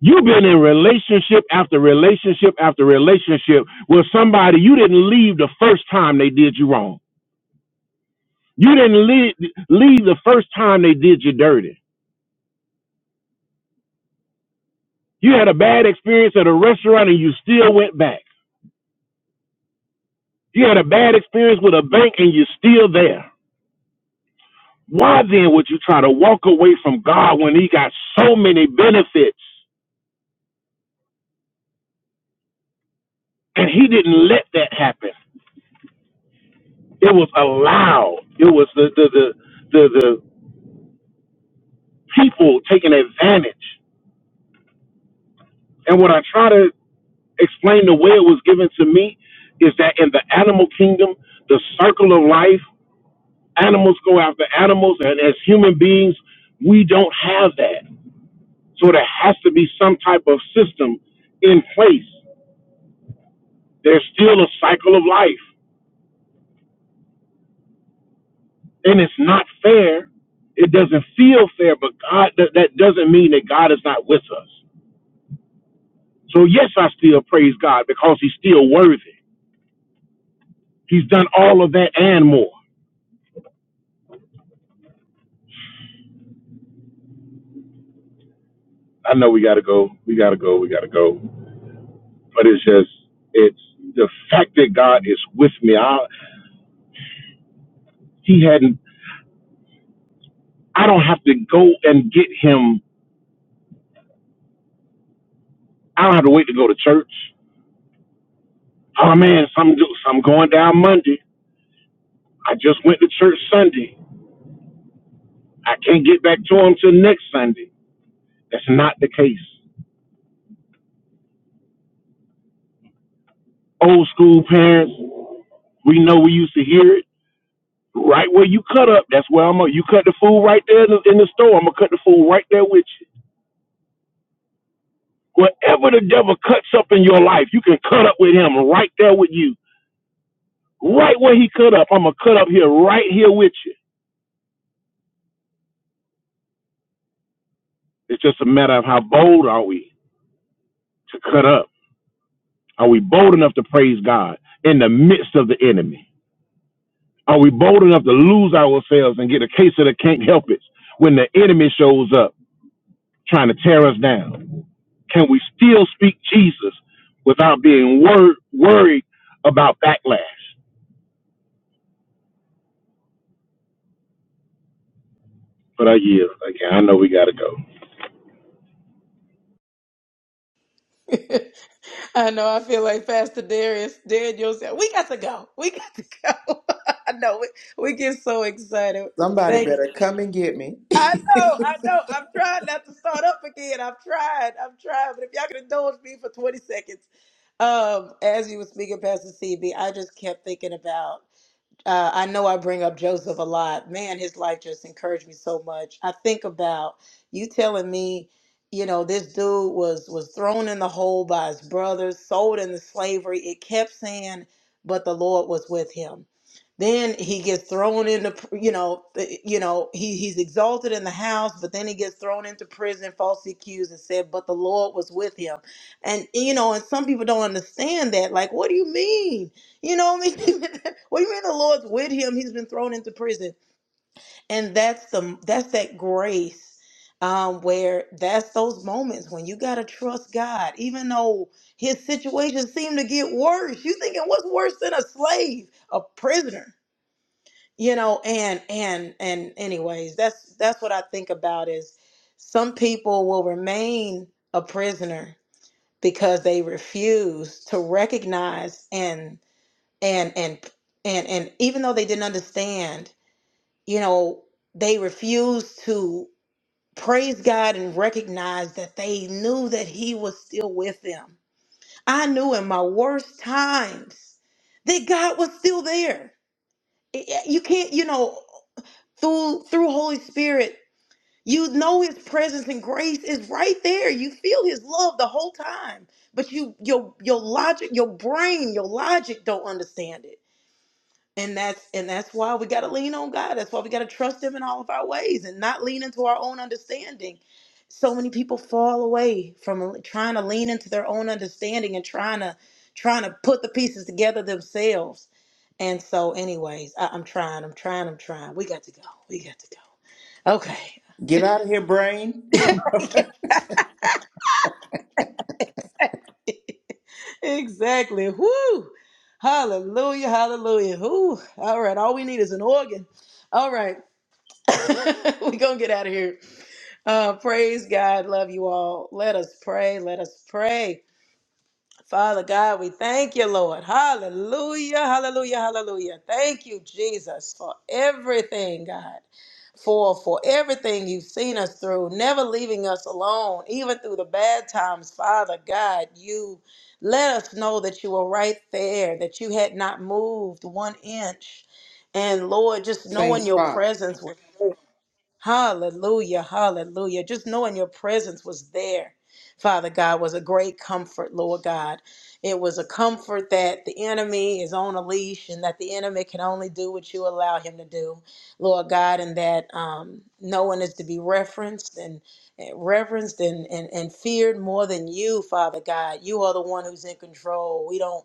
S2: You've been in relationship after relationship after relationship with somebody you didn't leave the first time they did you wrong. You didn't leave, leave the first time they did you dirty. You had a bad experience at a restaurant and you still went back. You had a bad experience with a bank and you're still there. Why then would you try to walk away from God when He got so many benefits? And He didn't let that happen. It was allowed. It was the the the the, the people taking advantage. And what I try to explain the way it was given to me is that in the animal kingdom, the circle of life, animals go after animals, and as human beings, we don't have that. So there has to be some type of system in place. There's still a cycle of life, and it's not fair. It doesn't feel fair, but God that, that doesn't mean that God is not with us. So yes, I still praise God because He's still worthy. He's done all of that and more. I know we gotta go, we gotta go, we gotta go. But it's just it's the fact that God is with me. I he hadn't I don't have to go and get him. I don't have to wait to go to church. Oh man, some do, some going down Monday. I just went to church Sunday. I can't get back to them till next Sunday. That's not the case. Old school parents, we know we used to hear it right where you cut up. That's where I'm. At. You cut the food right there in the, in the store. I'm gonna cut the food right there with you. Whatever the devil cuts up in your life, you can cut up with him right there with you. Right where he cut up, I'm gonna cut up here, right here with you. It's just a matter of how bold are we to cut up. Are we bold enough to praise God in the midst of the enemy? Are we bold enough to lose ourselves and get a case of the can't help it when the enemy shows up trying to tear us down? Can we still speak Jesus without being wor- worried about backlash? But I yield. Again, I know we got to go.
S3: I know. I feel like Pastor Darius, Daniel said, "We got to go. We got to go." I know. We, we get so excited.
S5: Somebody
S3: Thank.
S5: better come and get me.
S3: I know. I know. I'm trying not to start up again. I'm trying. I'm trying. But if y'all can indulge me for 20 seconds, um, as you were speaking, Pastor CB, I just kept thinking about. uh, I know I bring up Joseph a lot. Man, his life just encouraged me so much. I think about you telling me, you know, this dude was was thrown in the hole by his brothers, sold into slavery. It kept saying, but the Lord was with him. Then he gets thrown into, you know, th- you know, he he's exalted in the house, but then he gets thrown into prison, falsely accused, and said, but the Lord was with him. And you know, and some people don't understand that. Like, what do you mean? You know what I mean? well, you mean the Lord's with him. He's been thrown into prison, and that's the that's that grace. Um, where that's those moments when you gotta trust God, even though his situation seemed to get worse. You thinking what's worse than a slave, a prisoner? You know, and and and anyways, that's that's what I think about is some people will remain a prisoner because they refuse to recognize and and and and and even though they didn't understand you know they refused to praise god and recognize that they knew that he was still with them i knew in my worst times that god was still there I- I- you can't you know through through holy spirit you know his presence and grace is right there you feel his love the whole time but you your your logic your brain your logic don't understand it and that's and that's why we got to lean on god that's why we got to trust him in all of our ways and not lean into our own understanding so many people fall away from trying to lean into their own understanding and trying to trying to put the pieces together themselves and so anyways I, i'm trying i'm trying i'm trying we got to go we got to go okay
S5: Get out of here, brain.
S3: exactly whoo hallelujah hallelujah whoo all right all we need is an organ all right we're gonna get out of here Uh, praise God. Love you all. Let us pray. Let us pray. Father God, we thank you, Lord. Hallelujah. Hallelujah. Hallelujah. Thank you, Jesus, for everything, God. For for everything you've seen us through, never leaving us alone, even through the bad times, Father God, you let us know that you were right there, that you had not moved one inch. And Lord, just
S5: Same
S3: knowing your
S5: spot.
S3: presence was Hallelujah, hallelujah. Just knowing your presence was there, Father God, was a great comfort, Lord God. It was a comfort that the enemy is on a leash and that the enemy can only do what you allow him to do, Lord God, and that um, no one is to be referenced and and reverenced and, and, and feared more than you, Father God. You are the one who's in control. We don't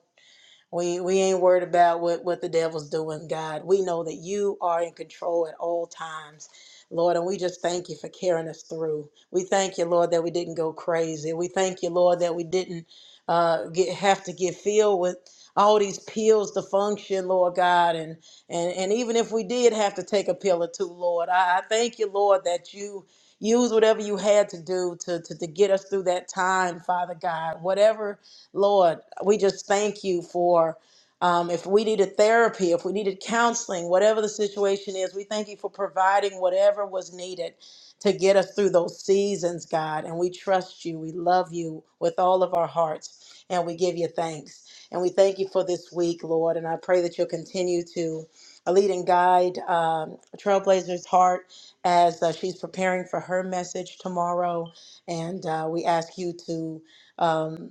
S3: we we ain't worried about what what the devil's doing, God. We know that you are in control at all times. Lord, and we just thank you for carrying us through. We thank you, Lord, that we didn't go crazy. We thank you, Lord, that we didn't uh, get have to get filled with all these pills to function, Lord God. And and and even if we did have to take a pill or two, Lord, I, I thank you, Lord, that you use whatever you had to do to, to to get us through that time, Father God. Whatever Lord, we just thank you for um, if we needed therapy, if we needed counseling, whatever the situation is, we thank you for providing whatever was needed to get us through those seasons, God. And we trust you. We love you with all of our hearts. And we give you thanks. And we thank you for this week, Lord. And I pray that you'll continue to lead and guide um, Trailblazer's heart as uh, she's preparing for her message tomorrow. And uh, we ask you to. Um,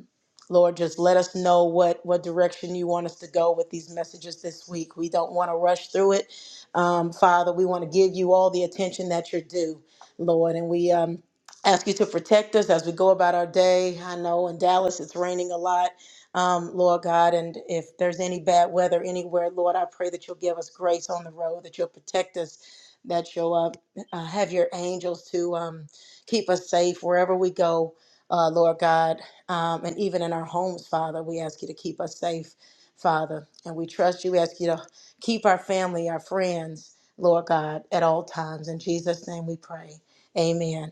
S3: Lord, just let us know what what direction you want us to go with these messages this week. We don't want to rush through it, um, Father. We want to give you all the attention that you're due, Lord, and we um, ask you to protect us as we go about our day. I know in Dallas it's raining a lot, um, Lord God, and if there's any bad weather anywhere, Lord, I pray that you'll give us grace on the road, that you'll protect us, that you'll uh, uh, have your angels to um, keep us safe wherever we go uh, Lord God. Um, and even in our homes, Father, we ask you to keep us safe, Father. And we trust you. We ask you to keep our family, our friends, Lord God, at all times. In Jesus' name we pray. Amen.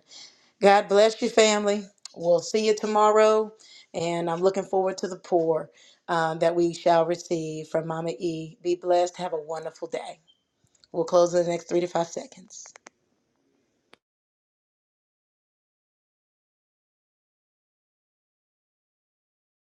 S3: God bless you, family. We'll see you tomorrow. And I'm looking forward to the pour um, that we shall receive from Mama E. Be blessed. Have a wonderful day. We'll close in the next three to five seconds.